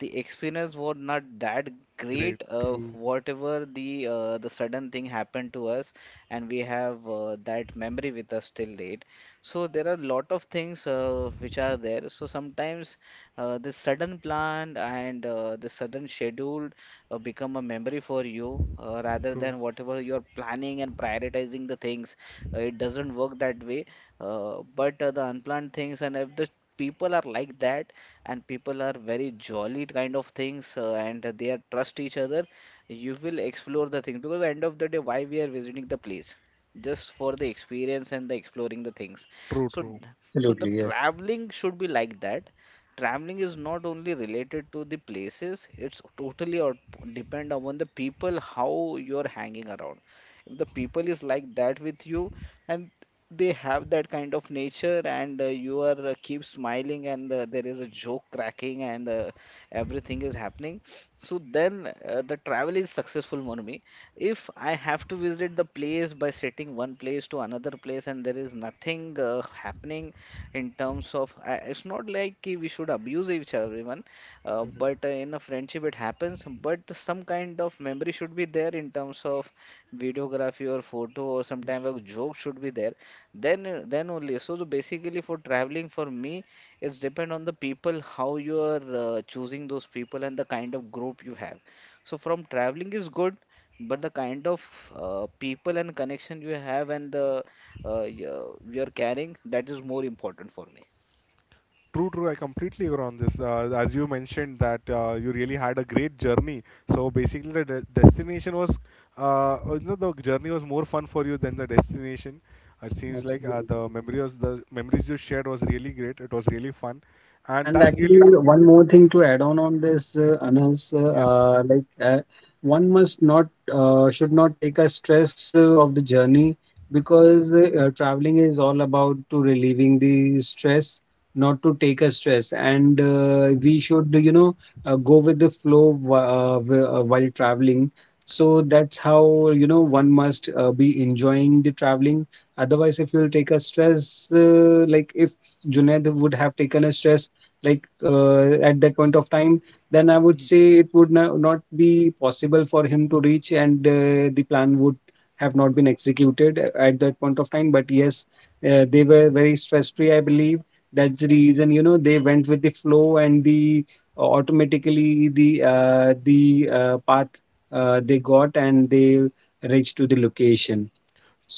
the experience was not that Great. great. Uh, True. Whatever the uh, the sudden thing happened to us, and we have uh, that memory with us till date. So there are a lot of things uh, which are there. So sometimes uh, this sudden plan and uh, the sudden schedule uh, become a memory for you uh, rather than whatever you're planning and prioritizing the things. Uh, it doesn't work that way. Uh, but uh, the unplanned things, and if the people are like that and people are very jolly kind of things, uh, and they are trust each other, you will explore the things because end of the day why we are visiting the place, just for the experience and the exploring the things. True, so true. d- so the Absolutely, yes. traveling should be like that. Traveling is not only related to the places. It's totally or depend upon the people how you're hanging around. If the people is like that with you, and they have that kind of nature, and uh, you are uh, keep smiling, and uh, there is a joke cracking, and uh, everything is happening, so then uh, the travel is successful for me. If I have to visit the place by sitting one place to another place, and there is nothing uh, happening in terms of I, it's not like ki we should abuse each other everyone, uh, but uh, in a friendship it happens. But some kind of memory should be there in terms of videography or photo, or sometime a joke should be there, then uh, then only. So the basically for traveling for me, it's depend on the people, how you are uh, choosing those people and the kind of group you have. So from traveling is good, but the kind of uh, people and connection you have, and the uh, y- uh, you're carrying, that is more important for me. True, true. I completely agree on this. Uh, as you mentioned that uh, you really had a great journey. So basically, the de- destination was, uh, you know, the journey was more fun for you than the destination. It seems like uh, Absolutely. the memory was the memories you shared was really great. It was really fun, and And that's really actually, true. one more thing to add on on this, uh, Anas, uh, Yes, uh, like uh, one must not uh, should not take a stress uh, of the journey, because uh, uh, traveling is all about to relieving the stress, not to take a stress. And uh, true, we should, you know, uh, go with the flow wh- uh, wh- uh, while traveling. So that's how, you know, one must uh, be enjoying the traveling. Otherwise, if you'll take a stress, uh, like if Junaid would have taken a stress like uh, at that point of time, then I would say it would no- not be possible for him to reach, and uh, the plan would have not been executed a- at that point of time. But yes, uh, they were very stress free, I believe. That's the reason, you know, they went with the flow, and the uh, automatically the uh, the uh, path uh, they got, and they reached to the location.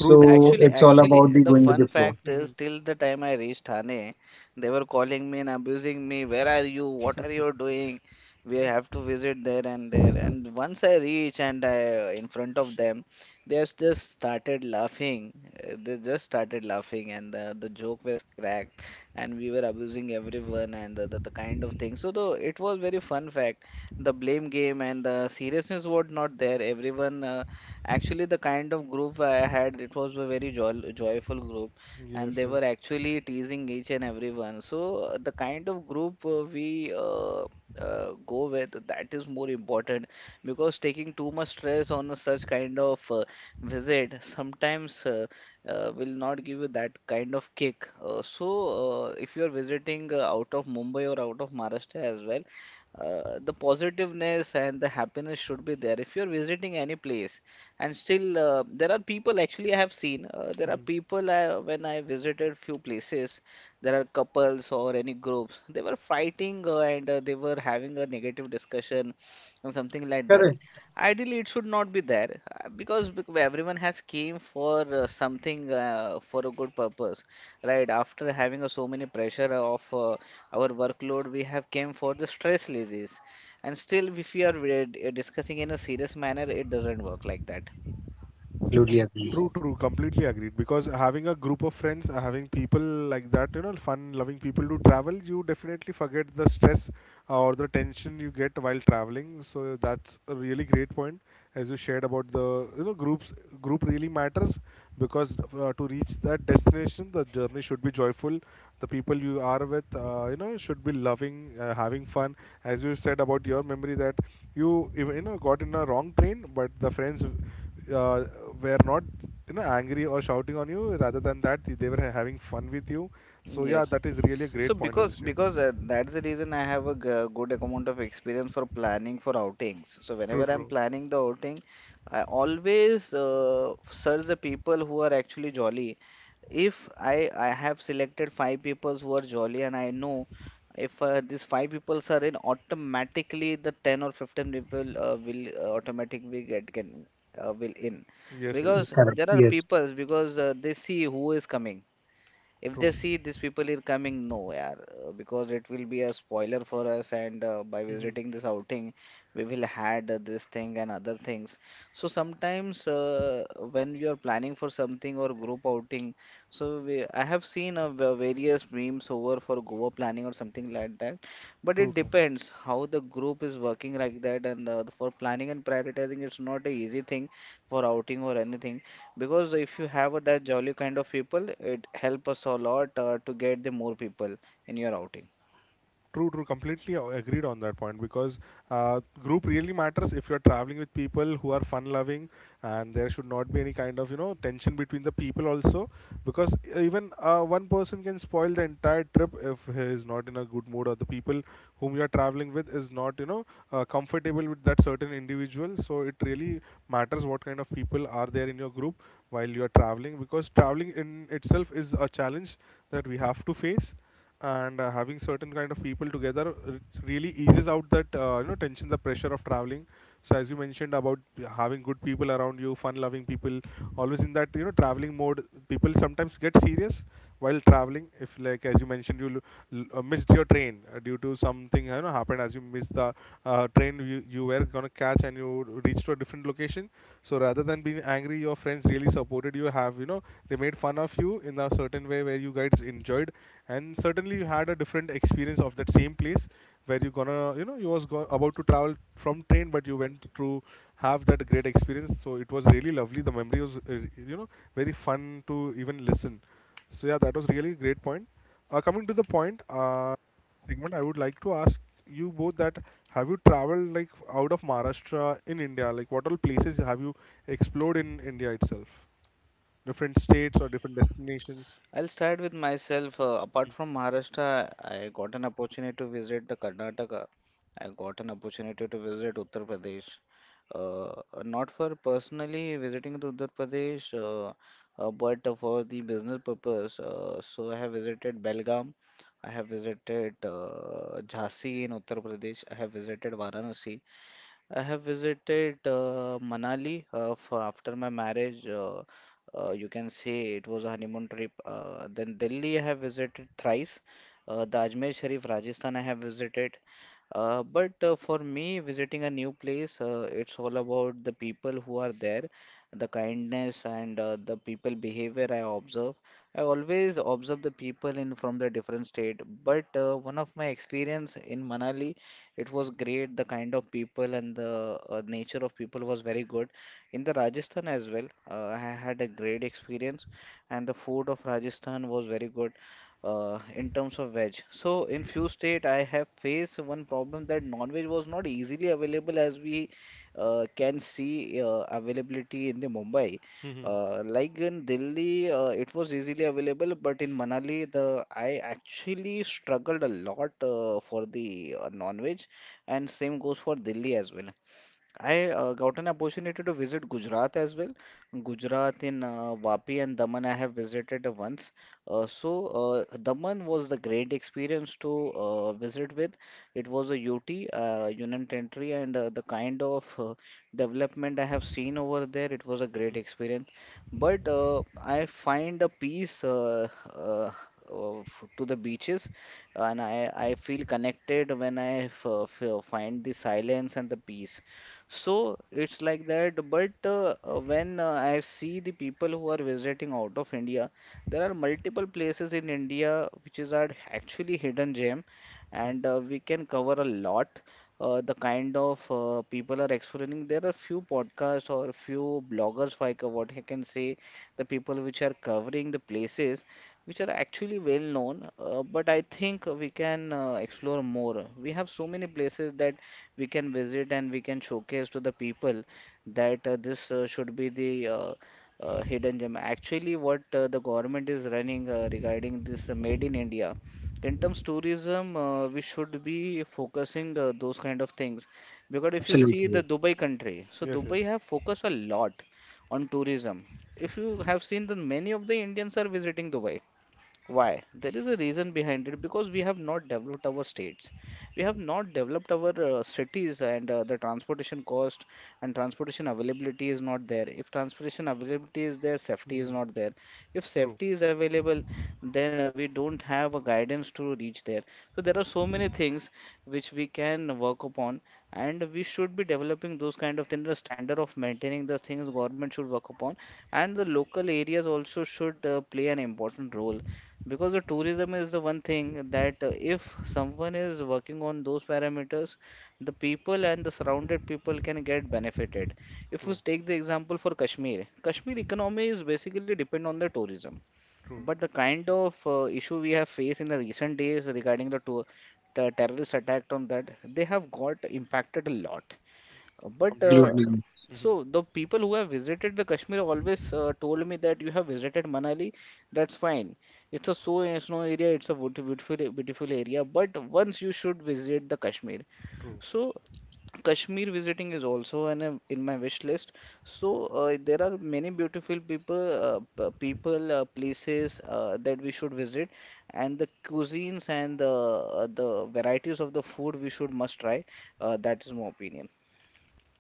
true, Yes, true. actually, it's all actually, about the the going with fun the flow. fact is, till the time I reached Thane, they were calling me and abusing me. Where are you? What are you doing? We have to visit there and there. And once I reach and I in front of them, they has just started laughing. Uh, They just started laughing, and the, the joke was cracked, and we were abusing everyone and the, the, the kind of thing. So, though it was very fun fact, the blame game and the seriousness was not there. Everyone. Uh, Actually, the kind of group I had, it was a very joy joyful group, and Yes, they were yes. actually teasing each and everyone. So uh, the kind of group uh, we uh, uh, go with, that is more important, because taking too much stress on a such kind of uh, visit sometimes uh, uh, will not give you that kind of kick. Uh, so uh, if you're visiting uh, out of Mumbai or out of Maharashtra as well, uh, the positiveness and the happiness should be there. If you're visiting any place, and still, uh, there are people actually I have seen. Uh, there are people I, when I visited few places, there are couples or any groups. They were fighting uh, and uh, they were having a negative discussion or something like that. Correct. Ideally, it should not be there uh, because bec- everyone has came for uh, something uh, for a good purpose, right? After having uh, so many pressure of uh, our workload, we have came for the stress disease. And still if we are re- discussing in a serious manner, it doesn't work like that. Absolutely agree. True, true. Completely agreed. Because having a group of friends, uh, having people like that, you know, fun loving people to travel, you definitely forget the stress uh, or the tension you get while traveling. So that's a really great point as you shared about the, you know, groups. Group really matters because uh, to reach that destination, the journey should be joyful. The people you are with, uh, you know, should be loving, uh, having fun. As you said about your memory that you, even, you know, got in a wrong train, but the friends uh, were not, you know, angry or shouting on you, rather than that they were having fun with you. So yeah, Yes. that is really a So great point, as because you said. because uh, that's the reason I have a g- good amount of experience for planning for outings. So whenever I'm planning the outing, I always uh, search the people who are actually jolly. If I I have selected five people who are jolly and I know if uh, these five people are in, automatically the ten or fifteen people uh, will uh, automatically get, can uh, will in Yes, yes. because Correct. there are Yes. people because uh, they see who is coming. If they see these people are coming, no, yaar, uh, because it will be a spoiler for us, and uh, by visiting this outing, we will had uh, this thing and other things. So sometimes uh, when you are planning for something or group outing, so we, I have seen uh, va- various memes over for Goa planning or something like that, but it depends how the group is working like that, and uh, for planning and prioritizing, it's not a easy thing for outing or anything. Because if you have a, that jolly kind of people, it help us a lot uh, to get the more people in your outing. True, true. Completely a- agreed on that point, because uh, group really matters if you're traveling with people who are fun loving, and there should not be any kind of, you know, tension between the people also, because even uh, one person can spoil the entire trip if he is not in a good mood, or the people whom you are traveling with is not, you know, uh, comfortable with that certain individual. So it really matters what kind of people are there in your group while you are traveling, because traveling in itself is a challenge that we have to face. And uh, having certain kind of people together r- really eases out that, uh, you know, tension, the pressure of traveling. So as you mentioned about having good people around you, fun loving people, always in that, you know, traveling mode, people sometimes get serious while traveling, if like as you mentioned you l- l- uh, missed your train uh, due to something, you know, happened. As you missed the uh, train you, you were gonna catch, and you reached to a different location. So rather than being angry, your friends really supported you. Have, you know, they made fun of you in a certain way where you guys enjoyed, and certainly you had a different experience of that same place where you gonna, you know, you was go- about to travel from train, but you went to have that great experience. So it was really lovely. The memory was, uh, you know, very fun to even listen. So yeah, that was really a great point. Uh, coming to the point, uh, segment, I would like to ask you both that have you traveled like out of Maharashtra in India? Like what all places have you explored in India itself? Different states or different destinations? I'll start with myself. Uh, apart from Maharashtra, I got an opportunity to visit the Karnataka. I got an opportunity to visit Uttar Pradesh. Uh, not for personally visiting to Uttar Pradesh, uh, uh, but uh, for the business purpose. Uh, so I have visited Belgaum. I have visited uh, Jhansi in Uttar Pradesh. I have visited Varanasi. I have visited uh, Manali uh, f- after my marriage. Uh, uh, you can say it was a honeymoon trip. Uh, then Delhi, I have visited thrice. Uh, the Ajmer Sharif, Rajasthan, I have visited. Uh, but uh, for me, visiting a new place, uh, it's all about the people who are there, the kindness and uh, the people behavior I observe. I always observe the people in from the different state. But uh, one of my experience in Manali. It was great. The kind of people and the uh, nature of people was very good. In the Rajasthan as well, uh, I had a great experience, and the food of Rajasthan was very good uh, in terms of veg. So in few state, I have faced one problem that non-veg was not easily available as we uh, can see uh, availability in the Mumbai. Mhm. Uh, like in Delhi, uh, it was easily available, but in Manali, the I actually struggled a lot uh, for the uh, non-veg, and same goes for Delhi as well. I uh, got an opportunity to visit Gujarat as well. Gujarat in uh, Vapi and Daman I have visited once. Uh, so uh, Daman was the great experience to uh, visit with. It was a U T, uh, Union Territory, and uh, the kind of uh, development I have seen over there, it was a great experience. But uh, I find a peace uh, uh, uh, f- to the beaches, and I, I feel connected when I f f find the silence and the peace. So it's like that. But uh, uh, when uh, I see the people who are visiting out of India, there are multiple places in India which is are actually hidden gem, and uh, we can cover a lot. Uh, the kind of uh, people are exploring. There are few podcasts or few bloggers, if I ca- what I can say, the people which are covering the places which are actually well known. Uh, but I think we can uh, explore more. We have so many places that we can visit and we can showcase to the people that uh, this uh, should be the uh, uh, hidden gem. Actually, what uh, the government is running uh, regarding this uh, Made in India. In terms tourism, uh, we should be focusing uh, those kind of things because if you see the Absolutely. Dubai country, so Yes, Dubai yes, have focused a lot on tourism. If you have seen that many of the Indians are visiting Dubai, why? There is a reason behind it because we have not developed our states. We have not developed our uh, cities, and uh, the transportation cost and transportation availability is not there. If transportation availability is there, safety is not there. If safety is available, then uh, we don't have a guidance to reach there. So there are so many things which we can work upon, and we should be developing those kind of things. The standard of maintaining the things government should work upon, and the local areas also should uh, play an important role because the tourism is the one thing that uh, if someone is working on those parameters, the people and the surrounded people can get benefited. If we take the example for Kashmir, Kashmir economy is basically depend on the tourism. But the kind of uh, issue we have faced in the recent days regarding the tour, the terrorist attack on that, they have got impacted a lot. Uh, But completely. uh, Absolutely, so the people who have visited the Kashmir always uh, told me that you have visited Manali. That's fine. It's a so uh, snow area. It's a beauti- beautiful beautiful area. But once you should visit the Kashmir. So Kashmir visiting is also an, uh, in my wish list. So uh, there are many beautiful people, uh, p- people, uh, places uh, that we should visit, and the cuisines and the uh, the varieties of the food we should must try. Uh, that is my opinion.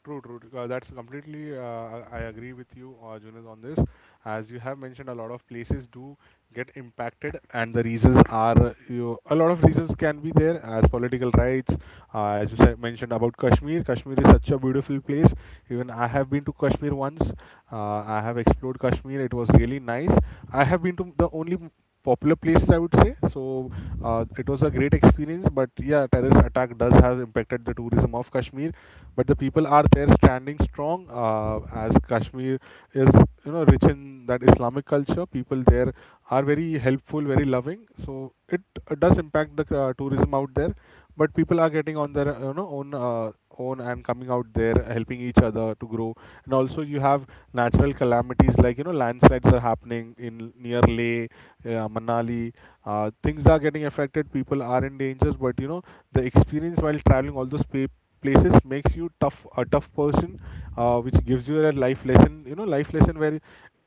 True, true. Uh, that's completely. Uh, I I agree with you, uh, Junaid, on this. As you have mentioned, a lot of places do get impacted, and the reasons are uh, you. A lot of reasons can be there, as political rights. Uh, as you said, mentioned about Kashmir. Kashmir is such a beautiful place. Even I have been to Kashmir once. Uh, I have explored Kashmir. It was really nice. I have been to the only popular places, I would say. So uh, it was a great experience. But yeah, terrorist attack does have impacted the tourism of Kashmir, but the people are there standing strong, uh, as Kashmir is, you know, rich in that Islamic culture. People there are very helpful, very loving. So it uh, does impact the uh, tourism out there, but people are getting on their, you know, own, uh, own, and coming out there helping each other to grow. And also you have natural calamities like, you know, landslides are happening in near Leh, uh, Manali. Uh, things are getting affected, people are in danger, but you know, the experience while traveling all those pa- places makes you tough, a tough person, uh, which gives you a life lesson, you know, life lesson where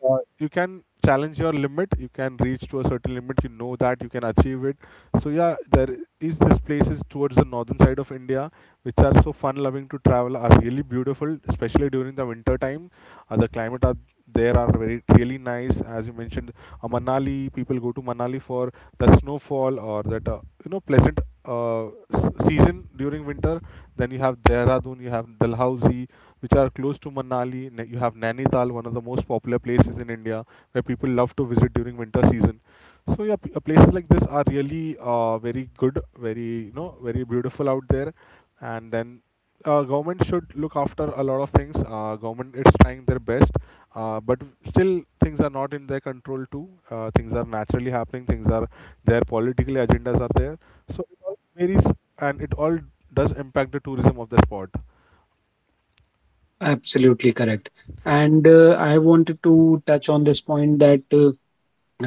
uh, you can challenge your limit, you can reach to a certain limit, you know, that you can achieve it. So yeah, there is this places towards the northern side of India, which are so fun loving to travel, are really beautiful, especially during the winter time. Uh, the climate are there are very really nice, as you mentioned. Uh, Manali, people go to Manali for the snowfall or that, uh, you know, pleasant, uh, s- season during winter. Then you have Dehradun, you have Dalhousie, which are close to Manali. Na- You have Nainital, one of the most popular places in India where people love to visit during winter season. So yeah, p- uh, places like this are really, uh, very good, very, you know, very beautiful out there. And then uh, government should look after a lot of things. Uh, government is trying their best, uh, but still things are not in their control too. Uh, things are naturally happening. Things are, their political agendas are there. So it all varies, and it all does impact the tourism of the spot. absolutely correct. And uh, I wanted to touch on this point that uh,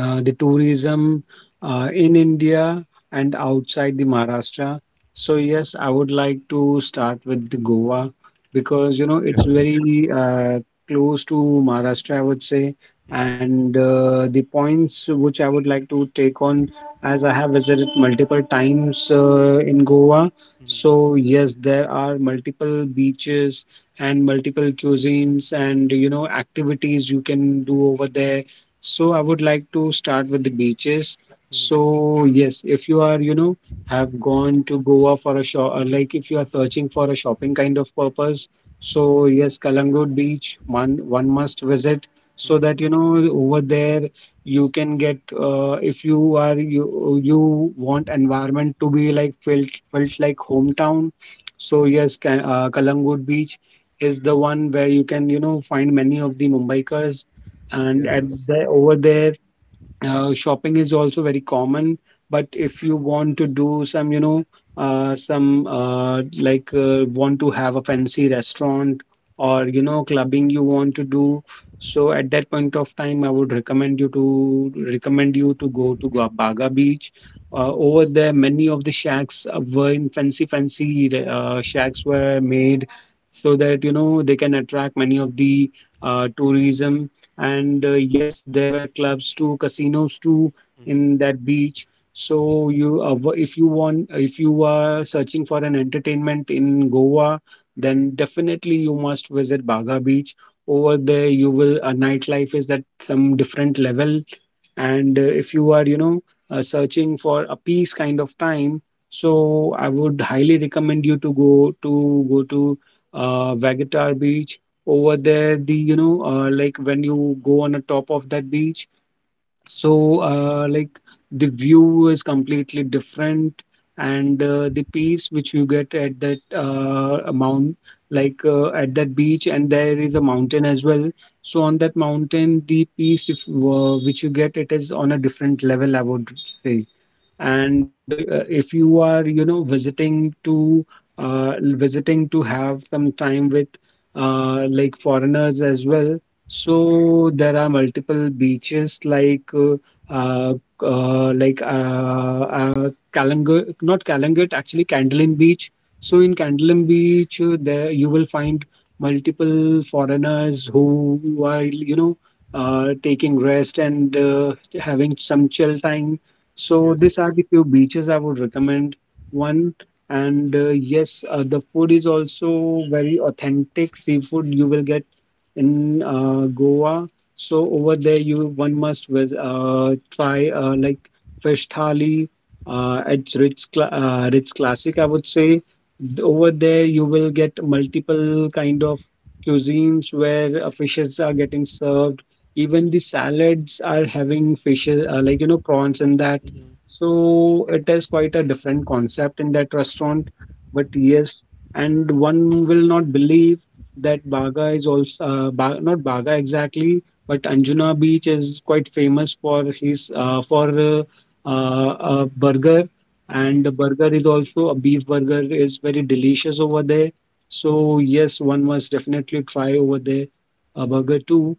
uh, the tourism uh, in India and outside the Maharashtra. So yes, I would like to start with the Goa because you know it's Yes, yes, very uh, close to Maharashtra, I would say. And uh, the points which I would like to take on, as I have visited multiple times uh, in Goa. So yes, there are multiple beaches and multiple cuisines and you know activities you can do over there, so I would like to start with the beaches. So yes, if you are, you know, have gone to Goa for a shop, like if you are searching for a shopping kind of purpose, so yes, Kalangut Beach, one one must visit, so that you know over there you can get, uh, if you are you you want environment to be like felt felt like hometown. So yes, Ka- uh, Kalangut Beach is the one where you can you know find many of the Mumbaikars, and yes, at yes, the, over there uh, shopping is also very common. But if you want to do some you know uh, some uh, like uh, want to have a fancy restaurant, or you know clubbing you want to do, so at that point of time i would recommend you to recommend you to go to Gua- Baga Beach. Uh, over there, many of the shacks, uh, were, in fancy fancy uh, shacks were made, so that you know they can attract many of the uh, tourism. And uh, yes, there were clubs too, casinos too, in that beach. So you uh, w- if you want, if you are searching for an entertainment in Goa, then definitely you must visit Baga Beach. Over there you will uh, nightlife is at some different level. And uh, if you are you know uh, searching for a peace kind of time, so I would highly recommend you to go to go to uh, Vagatar Beach. Over there the you know uh, like when you go on the top of that beach, so uh, like the view is completely different. And uh, the peace which you get at that uh, mount, like uh, at that beach, and there is a mountain as well. So on that mountain the peace if, uh, which you get, it is on a different level, I would say. And uh, uh, if you are you know visiting to uh, visiting to have some time with uh, like foreigners as well. So there are multiple beaches like uh, uh, uh, like uh, uh, Kalangut, not Kalangut, actually Candolim Beach. So in Candolim Beach, uh, there you will find multiple foreigners who, who are you know uh, taking rest and uh, having some chill time. So yes, these yes. are the few beaches I would recommend. One. And uh, yes, uh, the food is also very authentic, seafood you will get in uh, Goa. So over there, you one must vis- uh, try uh, like fish thali. Uh, it's rich, cla uh, rich classic, I would say. Th- Over there, you will get multiple kind of cuisines where uh, fishes are getting served. Even the salads are having fishes, uh, like you know, prawns and that. So it is quite a different concept in that restaurant. But yes, and one will not believe that Baga is also, uh, ba not Baga exactly, but Anjuna Beach is quite famous for his uh, for uh, uh, a burger, and the burger is also, a beef burger is very delicious over there. So yes, one must definitely try over there a burger too.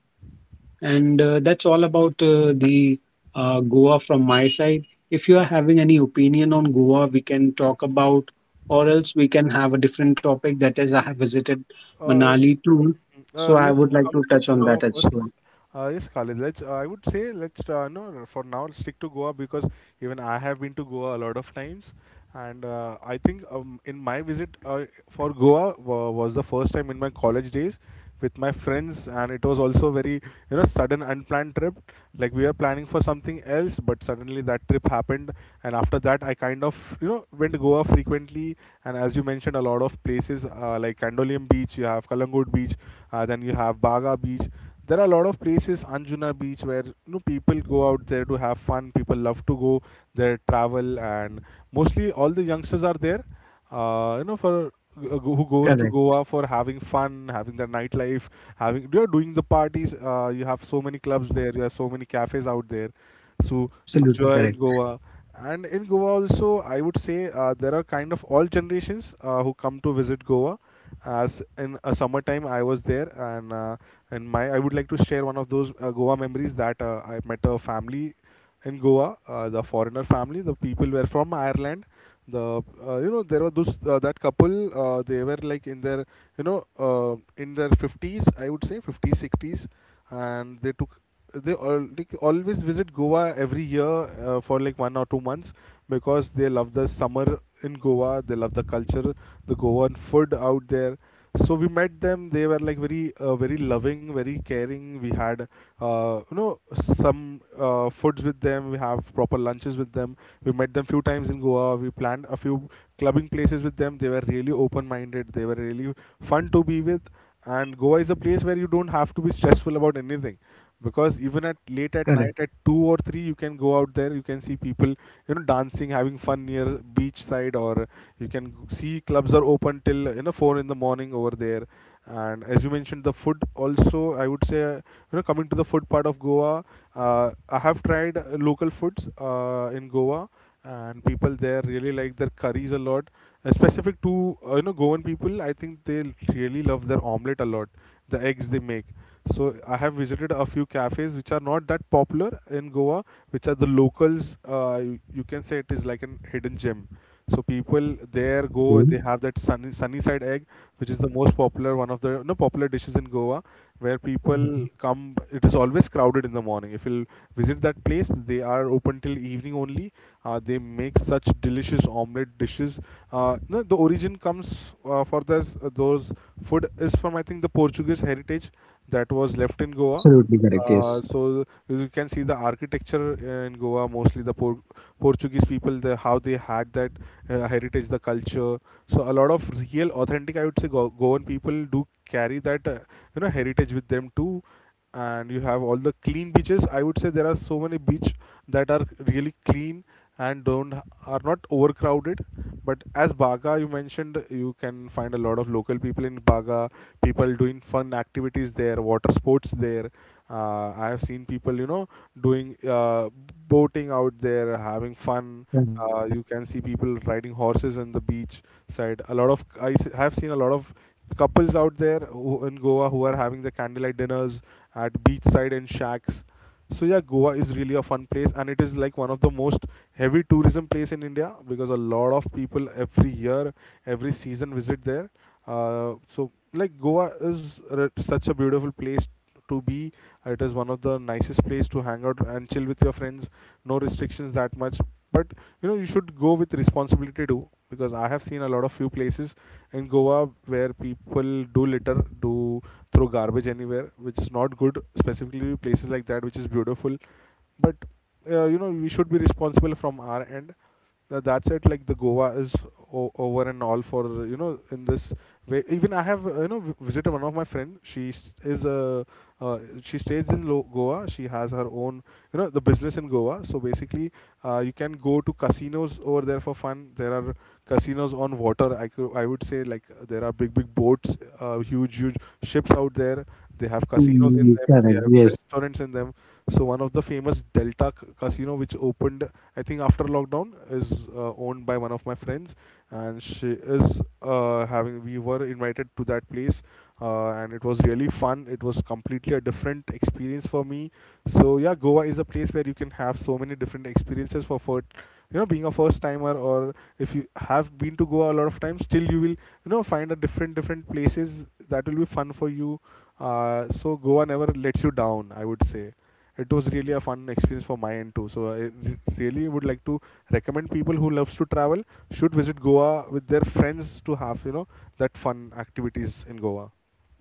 And uh, that's all about uh, the uh, Goa from my side. If you are having any opinion on Goa, we can talk about, or else we can have a different topic. That is, I have visited Uh, Manali too, uh, so I let's would like come to to touch on Goa that as first. well. Uh, yes, Khalid. Let's. Uh, I would say let's. Uh, no, No, for now, stick to Goa, because even I have been to Goa a lot of times, and uh, I think um, in my visit uh, for Goa wa was the first time in my college days with my friends, and it was also very, you know, sudden unplanned trip, like we were planning for something else, but suddenly that trip happened, and after that I kind of, you know, went to Goa frequently. And as you mentioned a lot of places, uh, like Kandolium Beach, you have Kalangod Beach, uh, then you have Baga Beach. There are a lot of places, Anjuna Beach, where, you know, people go out there to have fun, people love to go there, travel, and mostly all the youngsters are there, uh, you know, for uh, go- who goes Correct. to Goa for having fun, having the nightlife, having, you know, doing the parties. Uh, you have so many clubs there. You have so many cafes out there. So Absolutely enjoy correct. in Goa. And in Goa also, I would say uh, there are kind of all generations uh, who come to visit Goa. As in a summertime, I was there, and uh, and my I would like to share one of those uh, Goa memories, that uh, I met a family in Goa, uh, the foreigner family. The people were from Ireland, the, uh, you know, there were those, uh, that couple, uh, they were like in their, you know, uh, in their fifties, I would say, fifties, sixties, and they took, they all like, always visit Goa every year, uh, for like one or two months, because they love the summer in Goa, they love the culture, the Goan food out there. So we met them, they were like very, uh, very loving, very caring. We had, uh, you know, some, uh, foods with them, we have proper lunches with them, we met them few times in Goa, we planned a few clubbing places with them. They were really open minded, they were really fun to be with. And Goa is a place where you don't have to be stressful about anything, because even at late at night Correct. at two or three, you can go out there, you can see people, you know, dancing, having fun near beach side, or you can see clubs are open till, you know, four in the morning over there. And as you mentioned the food also, I would say, uh, you know, coming to the food part of Goa, uh, I have tried uh, local foods uh, in Goa, and people there really like their curries a lot, uh, specific to, uh, you know, Goan people. I think they really love their omelette a lot, the eggs they make. So I have visited a few cafes which are not that popular in Goa, which are the locals, uh, you, you can say it is like an hidden gem. So people there go, they Okay. have that sunny, sunny side egg, which is the most popular, one of the no popular dishes in Goa, where people Mhm. come. It is always crowded in the morning. If you'll visit that place, they are open till evening only. Uh, they make such delicious omelette dishes. Uh, no, The origin comes uh, for this, uh, those food is from, I think, the Portuguese heritage that was left in Goa. Absolutely correct. Uh, Yes. So you can see the architecture uh, in Goa, mostly the Por- Portuguese people, the, how they had that, uh, heritage, the culture. So a lot of real, authentic, I would say, Go- Goan people do carry that uh, you know heritage with them to. And you have all the clean beaches, I would say. There are so many beach that are really clean and don't are not overcrowded. But as Baga, you mentioned, you can find a lot of local people in Baga, people doing fun activities there, water sports there. uh, I have seen people you know doing uh, boating out there, having fun. Correct. Uh, you can see people riding horses on the beach side. A lot of i s- have seen a lot of couples out there who, in Goa, who are having the candlelight dinners at beachside and shacks. So yeah, Goa is really a fun place, and it is like one of the most heavy tourism place in India because a lot of people every year, every season visit there. Uh, so like Goa is r- such a beautiful place to be. It is one of the nicest place to hang out and chill with your friends. No restrictions that much, but you know you should go with responsibility too, because I have seen a lot of few places in Goa where people do litter, do throw garbage anywhere, which is not good. Specifically, places like that, which is beautiful, but uh, you know we should be responsible from our end. Uh, that's it. Like the Goa is o- over and all for, you know in this way. Even I have uh, you know v- visited one of my friend. She s- is a uh, she stays in Lo- Goa. She has her own, you know the business in Goa. So basically, uh, you can go to casinos over there for fun. There are casinos on water. I could i would say, like, uh, there are big big boats, uh, huge huge ships out there. They have casinos in Mm, them, they correct. have Yes. restaurants in them. So one of the famous Delta c- Casino, which opened I think after lockdown, is uh, owned by one of my friends, and she is uh, having. We were invited to that place, uh, and it was really fun. It was completely a different experience for me. So yeah, Goa is a place where you can have so many different experiences for for you know being a first timer, or if you have been to Goa a lot of times, still you will, you know find a different different places that will be fun for you. Uh, so Goa never lets you down, I would say. It was really a fun experience for my end too. So I re- really would like to recommend people who loves to travel should visit Goa with their friends to have, you know that fun activities in Goa.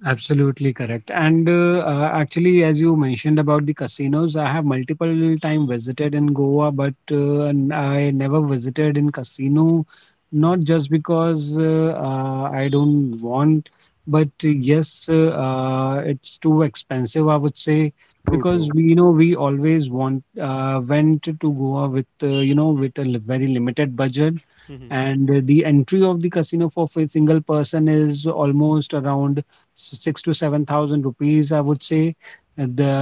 Absolutely correct. And uh, uh, actually, as you mentioned about the casinos, I have multiple time visited in Goa, but uh, n- I never visited in casino, not just because uh, uh, I don't want, but uh, yes, uh, uh, it's too expensive, I would say, True, because true. we, you know, we always want uh, went to Goa with, uh, you know, with a li- very limited budget, and uh, the entry of the casino for a single person is almost around. So, six to seven thousand rupees, I would say, at the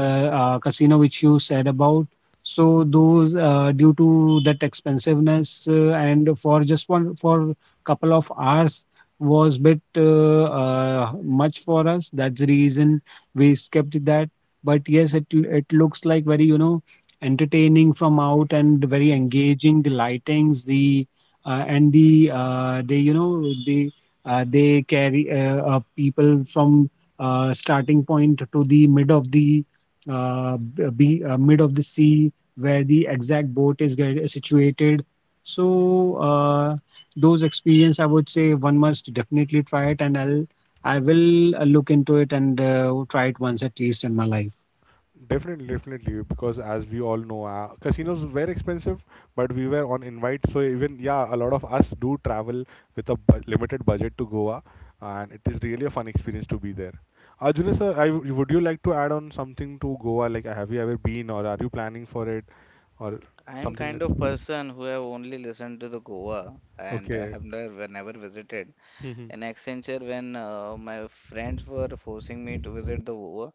uh, casino which you said about. So those uh, due to that expensiveness uh, and for just one for couple of hours was bit uh, uh, much for us. That's the reason we skipped that. But yes, it it looks like very you know entertaining from out and very engaging. The lightings, the uh, and the uh, the you know the uh, they carry uh, uh, people from uh, starting point to the mid of the uh, b- uh, be, uh, mid of the sea, where the exact boat is get, uh, situated. So uh, those experience, I would say, one must definitely try it, and I'll I will uh, look into it and uh, try it once at least in my life. Definitely, definitely, because as we all know, uh, casinos were expensive, but we were on invite, so even yeah, a lot of us do travel with a bu- limited budget to Goa, and it is really a fun experience to be there. Arjuna sir, I, w- would you like to add on something to Goa? Like, have you ever been, or are you planning for it, or I'm something kind like? of person who have only listened to the Goa and I Okay. have never never visited. In Accenture, when uh, my friends were forcing me to visit the Goa,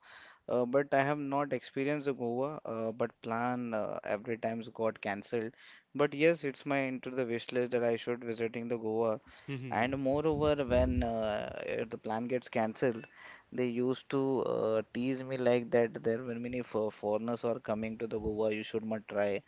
uh, but I have not experienced the Goa. Uh, but plan uh, every times got cancelled. But yes, it's my into the wish list that I should visiting the Goa. And moreover, when uh, if the plan gets cancelled, they used to uh, tease me like that there were many for foreigners are coming to the Goa. You should not try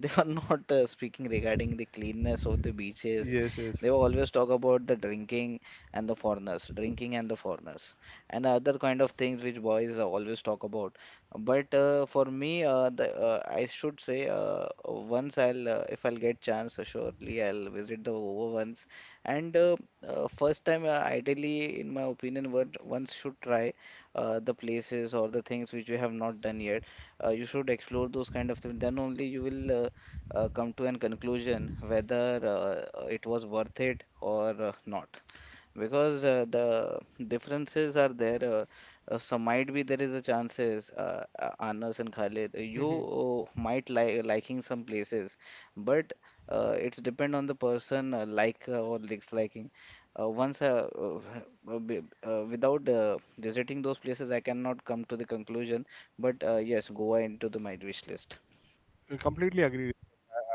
they were not uh, speaking regarding the cleanness of the beaches. Yes, They yes, were always talk about the drinking and the foreigners, drinking and the foreigners, and other kind of things which boys uh, always talk about. But uh, for me, uh, the, uh, I should say uh, once I'll uh, if I'll get chance, uh, surely I'll visit the Over once. And uh, uh, first time, uh, ideally, in my opinion, one once should try uh, the places or the things which we have not done yet. Uh, you should explore those kind of things, then only you will uh, uh, come to an conclusion whether uh, it was worth it or uh, not because uh, the differences are there, uh, uh, so might be there is a chances, uh, uh, Anas and Khalid, you uh, might like liking some places but uh, it's depend on the person, uh, like uh, or disliking. uh, once uh, uh, uh, b- uh, Without uh, visiting those places, I cannot come to the conclusion, but uh, yes, Goa into the my wish list. I completely agree.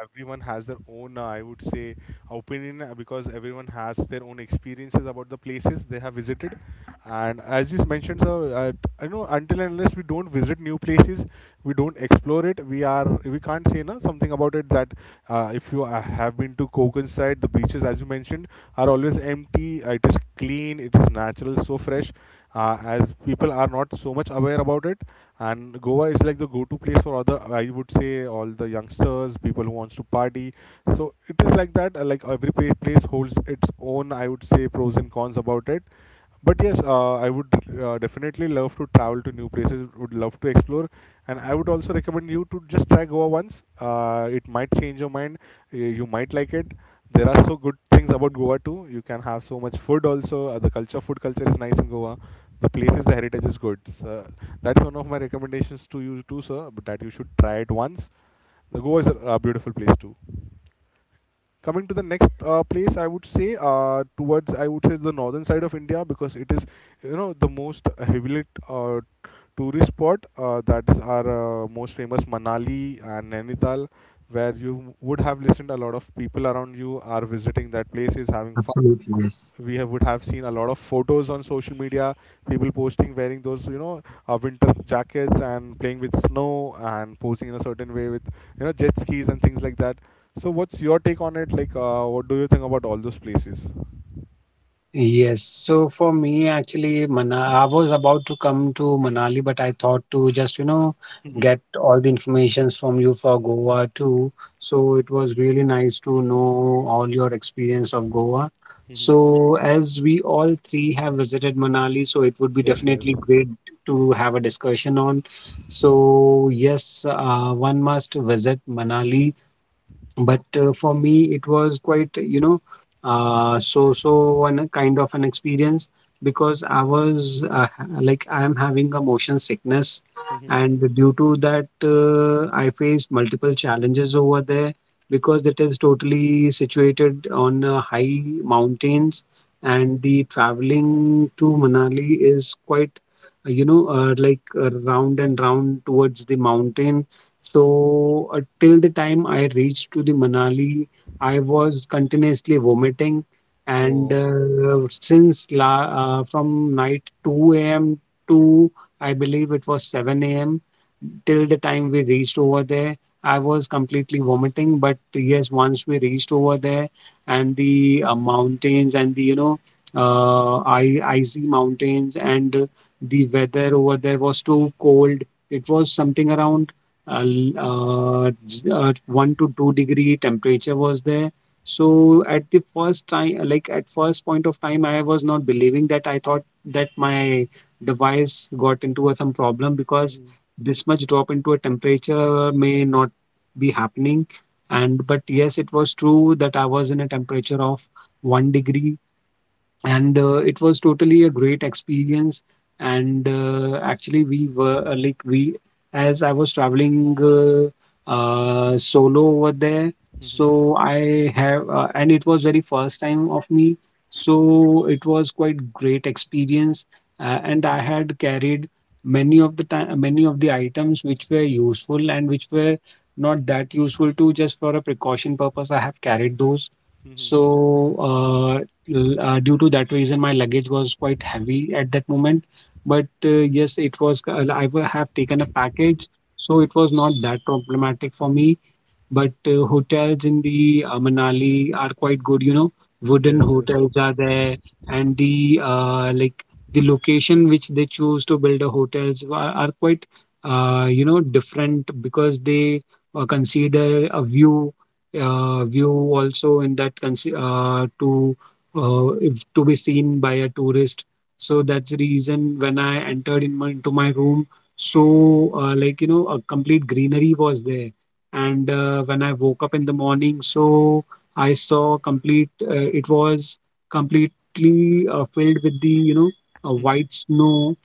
Everyone has their own, uh, I would say, opinion, uh, because everyone has their own experiences about the places they have visited. And as you mentioned, sir, uh, t- you know, until and unless we don't visit new places, we don't explore it. We are we can't say no something about it. That uh, if you uh, have been to Konkan side, the beaches, as you mentioned, are always empty. Uh, it is clean. It is natural, so fresh. Uh, as people are not so much aware about it, and Goa is like the go-to place for other, I would say, all the youngsters people who wants to party. So it is like that. Uh, like every pla- place holds its own, I would say, pros and cons about it. But yes, uh, I would uh, definitely love to travel to new places. Would love to explore, and I would also recommend you to just try Goa once. Uh, it might change your mind. Y- You might like it. There are so good things about Goa too. You can have so much food also. Uh, the culture, food culture is nice in Goa. The places, the heritage is good. So that's one of my recommendations to you too, sir. But that you should try it once. The Goa is a, a beautiful place too. Coming to the next uh, place, I would say uh, towards, I would say, the northern side of India, because it is, you know the most heavily uh, tourist spot. Uh, that is our, uh, most famous Manali and Nainital, where you would have listened a lot of people around you are visiting that places, having fun. Absolutely, yes. We have, would have seen a lot of photos on social media, people posting wearing those, you know uh, winter jackets and playing with snow and posing in a certain way with, you know jet skis and things like that. So what's your take on it? Like, uh, what do you think about all those places? Yes. So for me, actually, Mana I was about to come to Manali, but I thought to just, you know, get all the informations from you for Goa too. So it was really nice to know all your experience of Goa. So as we all three have visited Manali, so it would be Yes, definitely yes, great to have a discussion on. So yes, uh, one must visit Manali, but uh, for me it was quite you know uh, so so an, a kind of an experience, because I was uh, ha- like I am having a motion sickness, and due to that uh, I faced multiple challenges over there, because it is totally situated on uh, high mountains, and the traveling to Manali is quite uh, you know uh, like uh, round and round towards the mountain. So uh, till the time I reached to the Manali, I was continuously vomiting, and uh, since la uh, from night two a m to, I believe it was seven a m, till the time we reached over there, I was completely vomiting. But yes, once we reached over there, and the uh, mountains and the you know uh, I icy mountains and uh, the weather over there was too cold. It was something around uh, l- uh, j- uh, one to two degree temperature was there. So at the first time, like at first point of time, I was not believing that, I thought that my device got into a, some problem, because this much drop into a temperature may not be happening. And but yes, it was true that I was in a temperature of one degree. And uh, it was totally a great experience. And uh, actually we were uh, like we as I was traveling uh, uh, solo over there, so I have uh, and it was very first time of me, so it was quite great experience. Uh, and I had carried many of the time many of the items which were useful and which were not that useful too, just for a precaution purpose I have carried those. So uh, l- uh, due to that reason, my luggage was quite heavy at that moment. But uh, yes, it was uh, i wa- have taken a package, so it was not that problematic for me. But uh, hotels in the uh, Manali are quite good, you know. yes. Wooden Yes, yes. hotels are there, and the uh, like, the location which they choose to build the hotels are, are quite uh, you know different, because they uh, consider a view uh, view also in that consi- uh, to uh, if, to be seen by a tourist. So that's the reason when I entered in my, into my room, so uh, like you know a complete greenery was there. And uh, when I woke up in the morning, so I saw complete. Uh, it was completely uh, filled with the you know uh, white snow.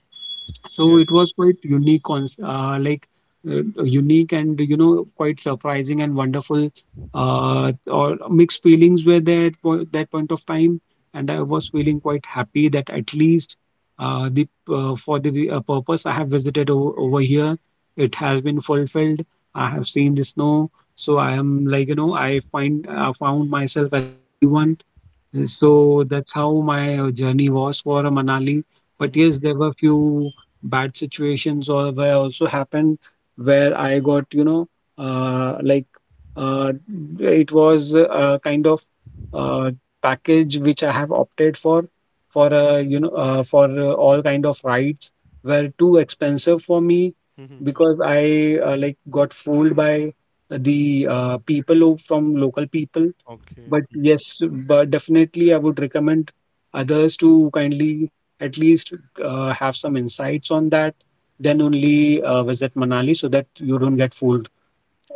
So it yes. was quite unique, cons- uh, like uh, unique and you know quite surprising and wonderful. Uh, or Mixed feelings were there at po- that point of time, and I was feeling quite happy that at least uh, the uh, for the the, uh, purpose I have visited o- over here, it has been fulfilled. I have seen the snow, so I am like you know I find I found myself as a lucky one. So that's how my uh, journey was for uh, Manali. But yes, there were few bad situations or where also happened where I got, you know, uh, like uh, it was a kind of uh, package which I have opted for for uh, you know uh, for uh, all kind of rides were too expensive for me because I uh, like got fooled by the uh, people who- from local people. But Okay. yes, but definitely I would recommend others to kindly at least uh, have some insights on that. Then only uh, visit Manali so that you don't get fooled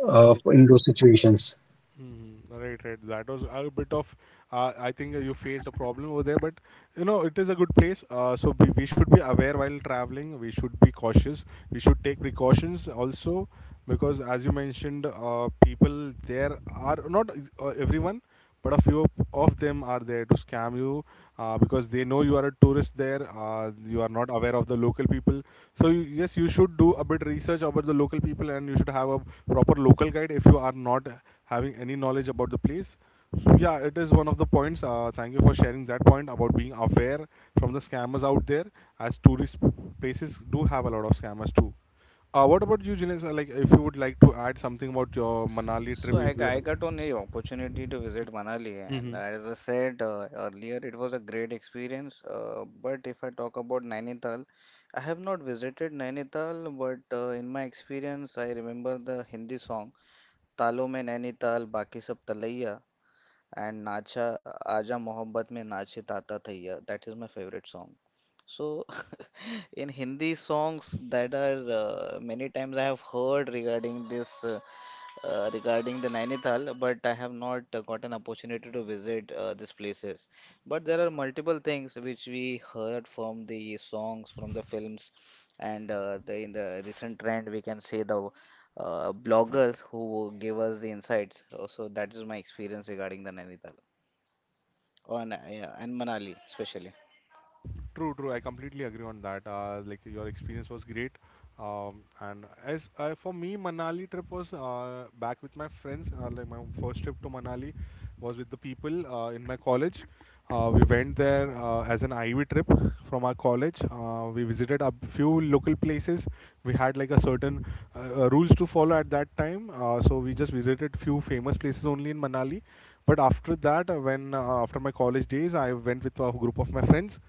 uh, True, in true. those situations. Hmm. Right, right. That was a bit of. Uh, I think you faced a problem over there, but you know it is a good place. Uh, so we, we should be aware while traveling. We should be cautious. We should take precautions also, because as you mentioned, uh, people there are not uh, everyone, but a few of them are there to scam you. Uh, because they know you are a tourist there, uh, you are not aware of the local people. So you, yes, you should do a bit research about the local people, and you should have a proper local guide if you are not having any knowledge about the place. So, yeah, it is one of the points. Uh, thank you for sharing that point about being aware from the scammers out there, as tourist places do have a lot of scammers too. Uh, what about you, Jinesh? Uh, Like, if you would like to add something about your Manali trip, So I, if g- I you. got only opportunity to visit Manali, and as I said uh, earlier, it was a great experience. Uh, but if I talk about Nainital, I have not visited Nainital, but uh, in my experience, I remember the Hindi song "तालों में नैनीताल बाकी सब तलैया" and "नाचा आजा मोहब्बत में नाचे ताता थैया." That is my favorite song. So, in Hindi songs that are uh, many times I have heard regarding this. uh, uh, regarding the Nainital, but I have not uh, got an opportunity to visit uh, these places. But there are multiple things which we heard from the songs, from the films, and uh, the, in the recent trend, we can say the uh, bloggers who give us the insights. Uh, So that is my experience regarding the Nainital on, uh, yeah, and Manali especially. True, true. I completely agree on that. Uh, like your experience was great. Um, and as uh, for me, Manali trip was uh, back with my friends. Uh, like my first trip to Manali was with the people uh, in my college. Uh, we went there uh, as an I V trip from our college. Uh, we visited a few local places. We had like a certain uh, uh, rules to follow at that time. Uh, so we just visited few famous places only in Manali. But after that, uh, when uh, after my college days, I went with a group of my friends,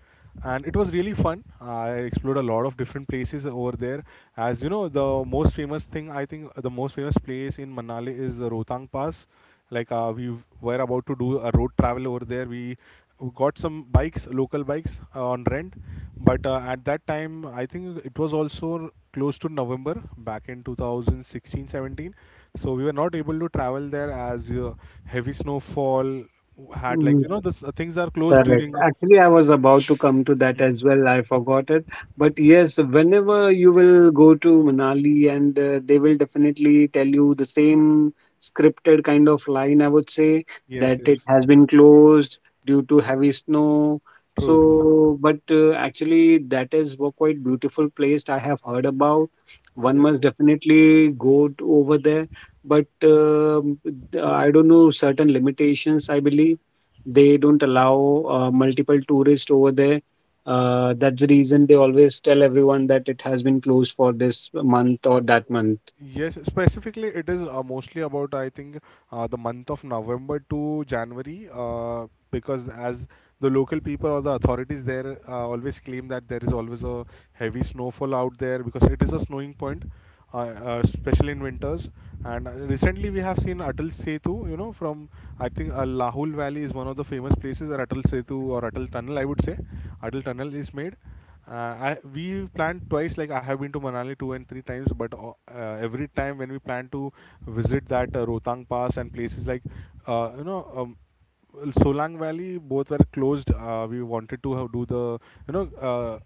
and it was really fun. I explored a lot of different places over there. As you know, the most famous thing, I think the most famous place in Manali is uh, Rohtang Pass. Like uh, we were about to do a road travel over there. We got some bikes, local bikes, uh, on rent. But uh, at that time, I think it was also close to November, back in two thousand sixteen seventeen. So we were not able to travel there, as uh, heavy snowfall had, like you know this, uh, things are closed Correct. during. Actually, I was about to come to that as well. I forgot it. But yes, whenever you will go to Manali and uh, they will definitely tell you the same scripted kind of line, I would say, Yes, that it yes. has been closed due to heavy snow. True, true. So, but uh, actually, that is a quite beautiful place I have heard about. One Yes, must yes. definitely go to over there. But um I don't know, certain limitations, I believe they don't allow uh, multiple tourists over there. Uh, that's the reason they always tell everyone that it has been closed for this month or that month. Yes, specifically, it is uh, mostly about, I think, uh, the month of November to January, uh, because as the local people or the authorities there uh, always claim that there is always a heavy snowfall out there, because it is a snowing point, uh, uh, especially in winters. And uh, recently, we have seen Atal Setu, you know, from I think uh, Lahul Valley is one of the famous places where Atal Setu or Atal Tunnel, I would say, Atal Tunnel is made. Uh, I we planned twice. Like I have been to Manali two and three times, but uh, uh, every time when we plan to visit that uh, Rotang Pass and places like uh, you know um, Solang Valley, both were closed. Uh, we wanted to have, do the, you know uh,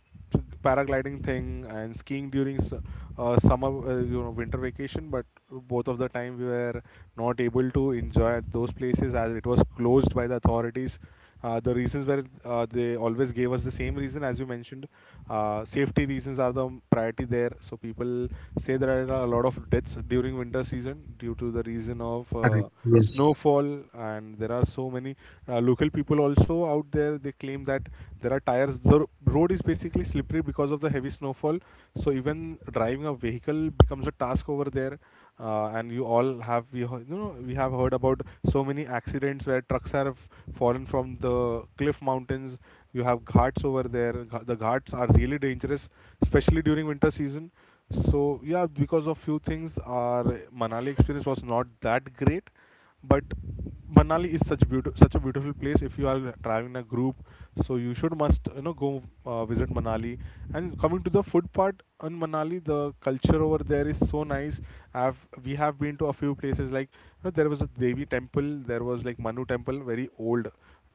paragliding thing and skiing during s- uh, summer, uh, you know winter vacation, but both of the time we were not able to enjoy at those places, as it was closed by the authorities. Uh, the reasons where uh, they always gave us the same reason as you mentioned. Uh, safety reasons are the priority there. So people say there are a lot of deaths during winter season, due to the reason of Correct. uh, Yes. snowfall, and there are so many uh, local people also out there. They claim that there are tires. The road is basically slippery because of the heavy snowfall, so even driving a vehicle becomes a task over there, uh, and you all have we heard- you know we have heard about so many accidents where trucks have fallen from the cliff mountains. You have ghats over there. Gh- the ghats are really dangerous, especially during winter season. So yeah, because of few things, our manali experience was not that great. But Manali is such beautiful, such a beautiful place. If you are traveling in a group, so you should must you know go uh, visit Manali. And coming to the food part in Manali, the culture over there is so nice. I've we have been to a few places like you know, there was a Devi temple, there was like Manu temple, very old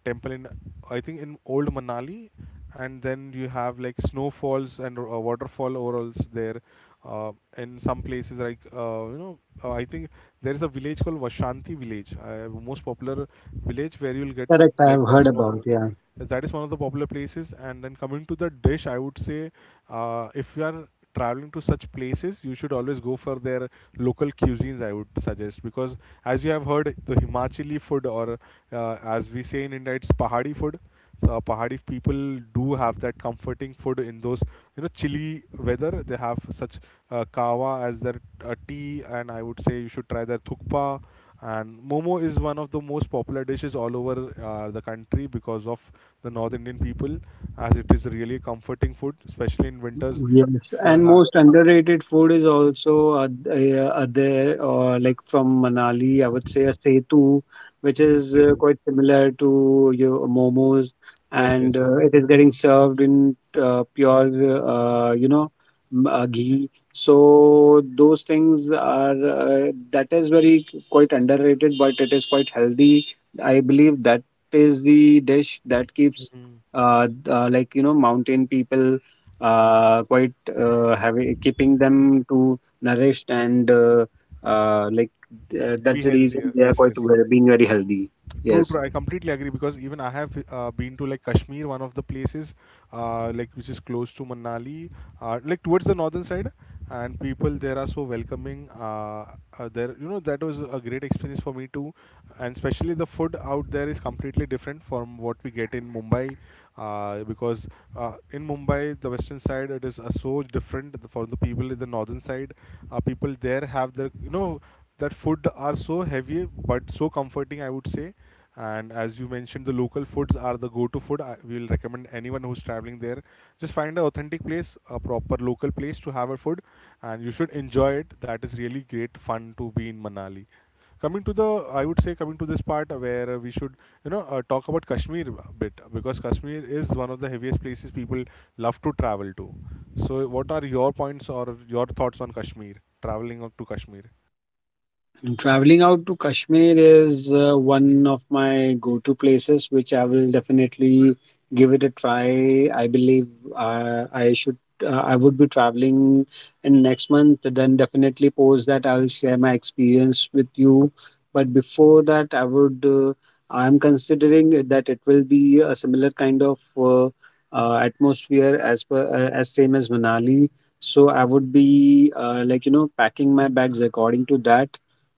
temple in, I think, in old Manali. And then you have like snowfalls and uh, waterfall overalls there. Uh, in some places, like uh, you know, uh, I think there is a village called Vashanti village, uh, most popular village where you'll get Correct. I like have a heard snowfall. about. Yeah. Yes, that is one of the popular places. And then coming to the dish, I would say, uh, if you are traveling to such places, you should always go for their local cuisines. I would suggest, because as you have heard, the Himachali food, or uh, as we say in India, it's Pahadi food. So Pahadi people do have that comforting food in those you know chilly weather. They have such uh, kawa as their uh, tea, and I would say you should try their thukpa. And momo is one of the most popular dishes all over uh, the country because of the North Indian people, as it is really a comforting food, especially in winters. Yes, If you and are most underrated food is also uh, uh, there, or like from Manali, I would say a setu, which having, is uh, Setu. quite similar to your momos, Yes, yes, and uh, yes. it is getting served in uh, pure, uh, you know, m- uh, ghee. So those things are uh, that is very quite underrated, but it is quite healthy. I believe that is the dish that keeps Hmm. uh, uh like you know mountain people uh, quite uh, having keeping them to nourished and uh, uh, like uh, Be that's the healthier. reason they are Yes, quite yes. well, being very healthy, True, yes. true. I completely agree, because even I have uh, been to like Kashmir, one of the places, uh, like which is close to Manali, uh, like towards the northern side, and people there are so welcoming. Uh, uh, there, you know, that was a great experience for me too, and especially the food out there is completely different from what we get in Mumbai, uh, because uh, in Mumbai, the western side, it is uh, so different for the people in the northern side. Uh, people there have their, you know. That food are so heavy but so comforting, I would say. And as you mentioned, the local foods are the go-to food. I will recommend anyone who's traveling there. Just find an authentic place, a proper local place to have a food, and you should enjoy it. That is really great fun to be in Manali. Coming to the, I would say, coming to this part uh, where uh, we should, you know, uh, talk about Kashmir a bit, because Kashmir is one of the heaviest places people love to travel to. So, what are your points or your thoughts on Kashmir? Traveling up to Kashmir. And traveling out to Kashmir is uh, one of my go to places, which I will definitely give it a try. I believe uh, I should. Uh, I would be traveling in next month, then definitely post that. I will share my experience with you. But before that, I would, uh, I'm considering it that it will be a similar kind of uh, uh, atmosphere as per, uh, as same as Manali. So I would be uh, like, you know, packing my bags according to that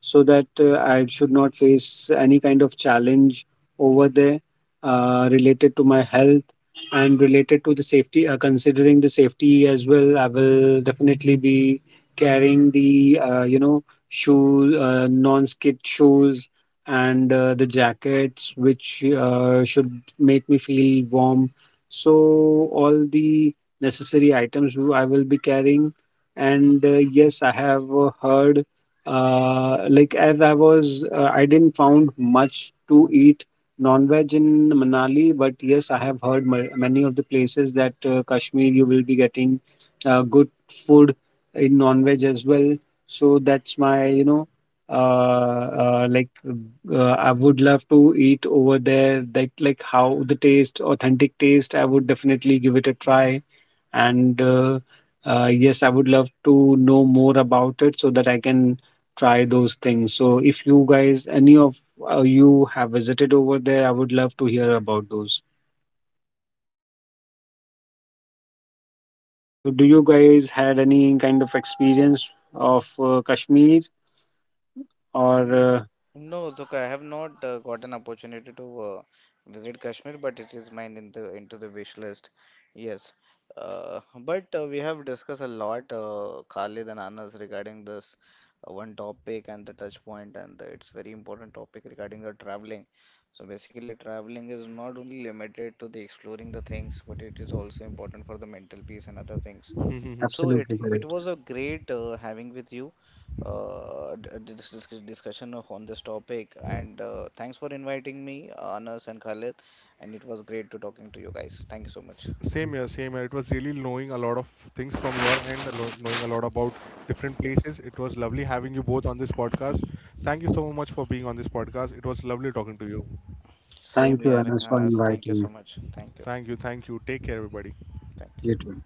so that uh, I should not face any kind of challenge over there uh, related to my health and related to the safety. Uh, considering the safety as well, I will definitely be carrying the uh, you know shoes, uh, non-skid shoes, and uh, the jackets, which uh, should make me feel warm. So all the necessary items w- I will be carrying. And uh, yes, I have uh, heard uh, like as I was, uh, I didn't found much to eat non-veg in Manali, but yes, I have heard ma- many of the places that uh, Kashmir you will be getting uh, good food in non-veg as well. So that's my, you know, uh, uh, like uh, I would love to eat over there. That like how the taste, authentic taste, I would definitely give it a try, and uh, uh, yes, I would love to know more about it so that I can try those things. So if you guys, any of uh, you have visited over there, I would love to hear about those. So do you guys had any kind of experience of uh, Kashmir or Mm, uh, No, Zuka, I have not uh, got an opportunity to uh, visit Kashmir, but it is mine in the into the wish list. Yes, uh, but uh, we have discussed a lot, uh, Khalid and Anas, regarding this uh, one topic and the touch point, and the, it's very important topic regarding the traveling. So basically, traveling is not only limited to the exploring the things, but it is also important for the mental peace and other things. So it absolutely it correct. was a great uh, having with you uh, d- d- this this discussion of- on this topic, and uh, thanks for inviting me, Anas and Khalid, and it was great to talking to you guys. Thank you so much. S- Same here, same here. It was really knowing a lot of things from your end, a lo- knowing a lot about different places. It was lovely having you both on this podcast. Thank you so much for being on this podcast. It was lovely talking to you. Same Thank you, here, Anas, for Anas. Thank you inviting so me. much. Thank you. Thank you, thank you. Take care, everybody. Thank you. You too.